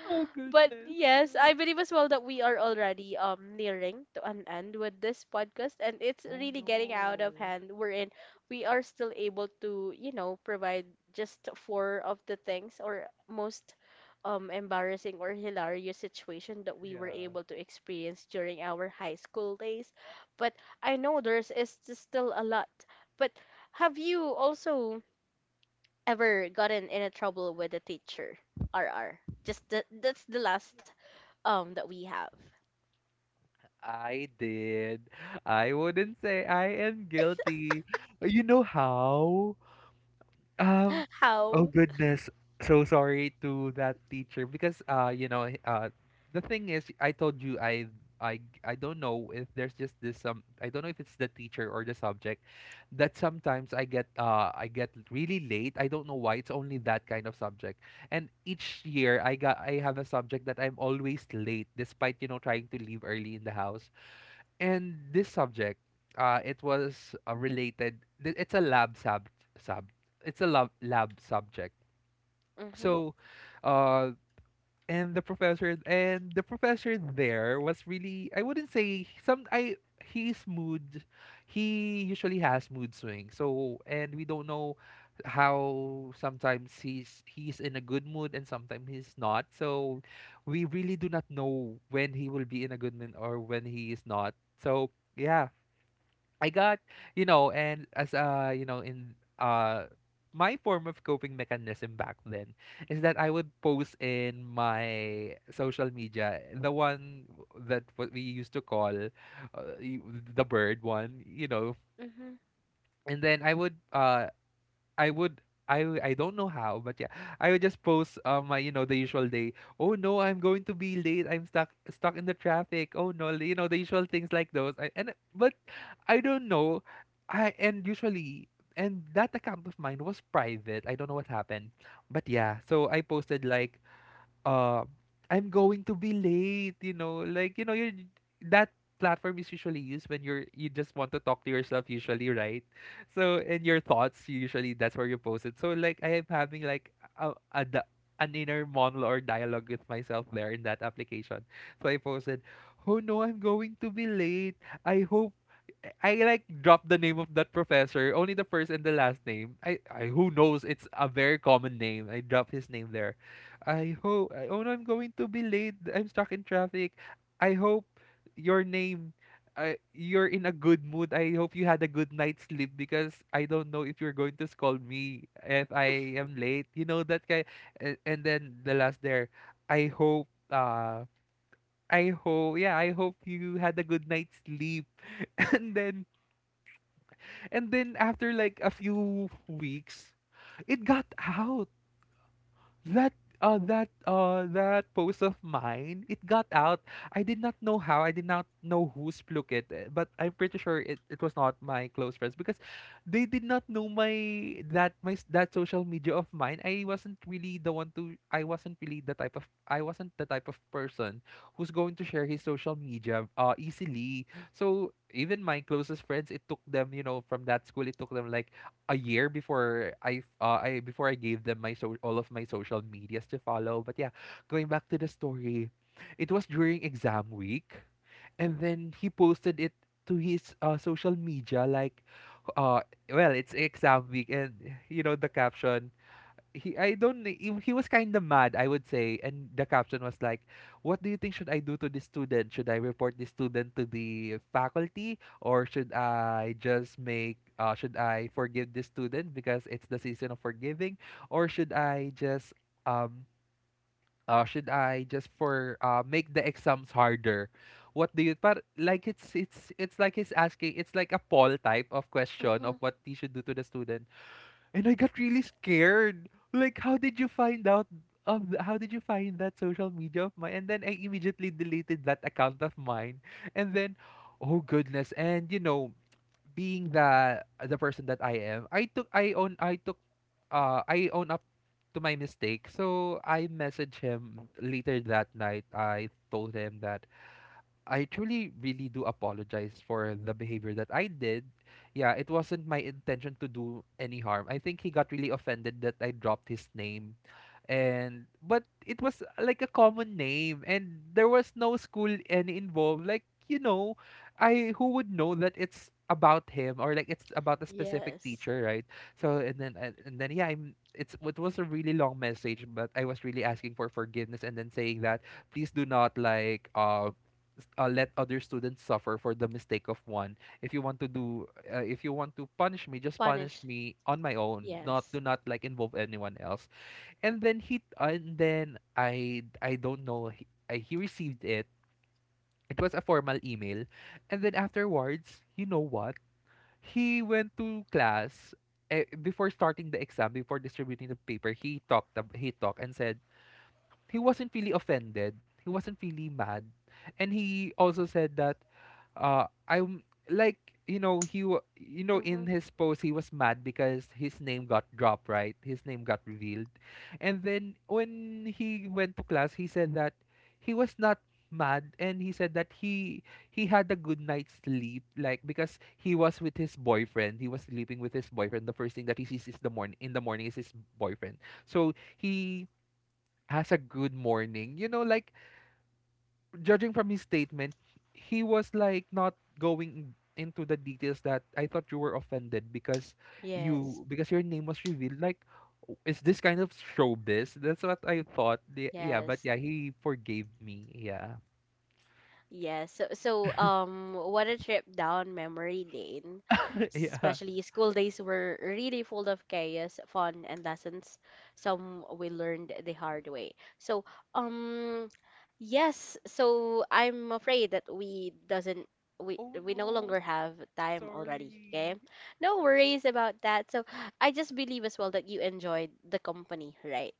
S2: Oh
S1: But
S2: goodness.
S1: yes,
S2: Yeah.
S1: I believe as well that we are already um nearing to an end with this podcast, and it's
S2: Oh
S1: really getting out of
S2: no.
S1: hand. We're in, we are still able to, you know, provide just four of the things or most um embarrassing or hilarious situation that we were
S2: Yeah.
S1: able to experience during our high school days. But I know there's is still a lot. But have you also ever gotten in a trouble with a teacher? R R. Just the, that's the last um that we have.
S2: I did. I wouldn't say I am guilty. You know how? Um, oh
S1: How?
S2: goodness. So sorry to that teacher because uh you know uh the thing is I told you I I I don't know if there's just this um I don't know if it's the teacher or the subject that sometimes I get uh I get really late. I don't know why. It's only that kind of subject. And each year I got I have a subject that I'm always late despite you know trying to leave early in the house. And this subject, uh, it was uh, related. th- It's a lab sub sub. It's a lab lab subject.
S1: Mhm.
S2: So, uh, and the professor and the professor there was really I wouldn't say some I his mood. He usually has mood swings. So and we don't know how sometimes he's he's in a good mood and sometimes he's not. So we really do not know when he will be in a good mood or when he is not. So yeah, I got, you know, and as uh, you know, in uh my form of coping mechanism back then is that I would post in my social media the one that what we used to call uh, y- the bird one, you know,
S1: Mhm.
S2: and then I would uh I would I w- I don't know how, but yeah, I would just post um my you know the usual day. Oh no, I'm going to be late. I'm stuck stuck in the traffic. Oh no, you know the usual things like those. I, and but I don't know. I and usually and that account of mine was private. I don't know what happened, but yeah. So I posted like uh, I'm going to be late, you know, like you know, you're that platform is usually used when you're you just want to talk to yourself usually, right? So in your thoughts, usually that's where you post it. So like I am having like a, a di- an inner monologue or dialogue with myself there in that application. So I posted, "Oh no, I'm going to be late. I hope." I I, like dropped the name of that professor, only the first and the last name. I, I who knows? It's a very common name. I dropped his name there. I hope. I, oh no, I'm going to be late. I'm stuck in traffic. I hope your name. Uh, you're in a good mood. I hope you had a good night's sleep because I don't know if you're going to scold me if I am late. You know that guy. And, and then the last there. I hope. Uh, I hope. Yeah, I hope you had a good night's sleep. and then and then after like a few weeks, it got out. That uh that uh that post of mine it got out. I did not know how. I did not know who splook it, eh, but I'm pretty sure it, it was not my close friends because they did not know my that my s- that social media of mine. I wasn't really the one to I wasn't really the type of I wasn't the type of person who's going to share his social media uh easily. So even my closest friends it took them you know from that school it took them like a year before I f- uh, I before I gave them my so all of my social medias to follow. But yeah, going back to the story, it was during exam week, and then he posted it to his uh, social media like, uh, well, it's exam week, and you know the caption, he I don't kn- he, he was kind of mad I would say and the caption was like what do you think should I do to this student, should I report this student to the faculty or should I just make uh, should I forgive this student because it's the season of forgiving or should I just um uh, should I just for uh, make the exams harder. What do you, but like it's it's it's like he's asking, it's like a poll type of question of
S1: Mhm.
S2: what he should do to the student. And I got really scared. Like, how did you find out of th- how did you find that social media of mine? And then I immediately deleted that account of mine. And then, oh goodness. And you know, being the the person that I am, I took I own I took uh I own up to my mistake. So I messaged him later that night. I told him that I truly really do apologize for the behavior that I did. Yeah, it wasn't my intention to do any harm. I think he got really offended that I dropped his name. And but it was uh, like a common name and there was no school any involved. Like, you know, I who would know that it's about him or like it's about a specific
S1: Yes.
S2: teacher, right? So and then and, and then yeah, I'm it's it was a really long message, but I was really asking for forgiveness and then saying that please do not like uh uh, let other students suffer for the mistake of one. If you want to do, uh, if you want to punish me, just punish
S1: Spanish.
S2: me on my own. Not
S1: Yes.
S2: do not like involve anyone else. And then he, and then I, I don't know. He, I, he received it. It was a formal email, and then afterwards, you know what? He went to class. eh, Before starting the exam, before distributing the paper, he talked. ab- He talked and said, he wasn't really offended. He wasn't really mad. And he also said that uh I'm like you know he wa- you know in
S1: Mhm.
S2: his post he was mad because his name got dropped, right? His name got revealed. And then when he went to class, he said that he was not mad and he said that he he had a good night's sleep like because he was with his boyfriend, he was sleeping with his boyfriend, the first thing that he sees is the morning in the morning is his boyfriend, so he has a good morning. You know, like judging from his statement, he was like not going into the details that I thought you were offended because
S1: Yes.
S2: you because your name was revealed. Like, "Oh, is this kind of showbiz?" That's what I thought. Yeah, yeah, but
S1: Yes.
S2: yeah, he forgave me. Yeah,
S1: Yeah, so so um what a trip down memory lane.
S2: yeah.
S1: Especially school days were really full of chaos, fun, and lessons, some we learned the hard way. So um yes, so I'm afraid that we doesn't we
S2: Oh
S1: we no
S2: no,
S1: longer have time already, okay?
S2: sorry.
S1: No worries about that. So I just believe as well that you enjoyed the company, right?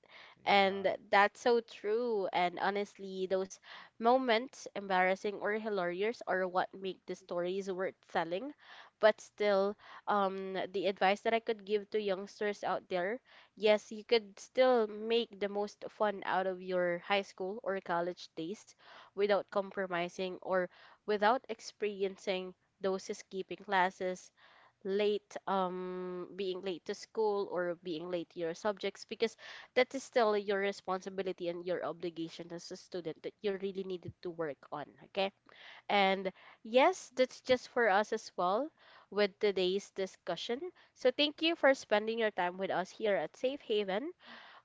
S2: Yeah,
S1: And that's so true. And honestly, those moments, embarrassing or hilarious, are what make the stories worth telling. But still, um, the advice that I could give to youngsters out there: yes, you could still make the most fun out of your high school or college days, without compromising, or without experiencing those skipping classes, late, um being late to school or being late to your subjects, because that is still your responsibility and your obligation as a student that you really needed to work on, okay. And yes, that's just for us as well with today's discussion. So thank you for spending your time with us here at Safe Haven.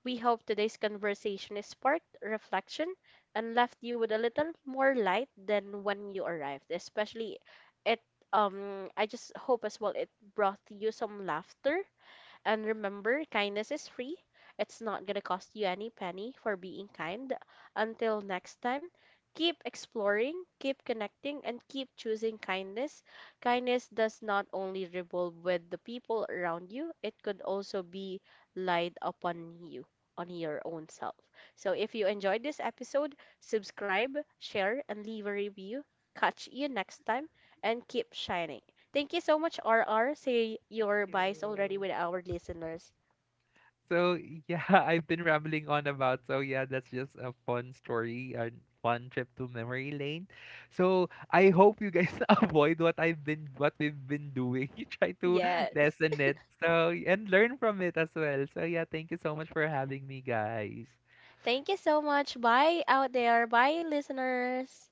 S1: We hope today's conversation is sparked reflection and left you with a little more light than when you arrived. Especially, it, um, I just hope as well it brought you some laughter. And remember, kindness is free. It's not going to cost you any penny for being kind. Until next time, keep exploring, keep connecting, and keep choosing kindness. Kindness does not only revolve with the people around you, it could also be lied upon you, on your own self. So if you enjoyed this episode, subscribe, share, and leave a review. Catch you next time and keep shining. Thank you so much, R R. Say your
S2: cute.
S1: buys already with our listeners.
S2: So yeah, I've been rambling on about. So yeah, that's just a fun story and fun trip to memory lane. So I hope you guys avoid what I've been what we've been doing. You try to
S1: Yes.
S2: lessen it. So and learn from it as well. So yeah, thank you so much for having me, guys.
S1: Thank you so much. Bye out there. Bye, listeners.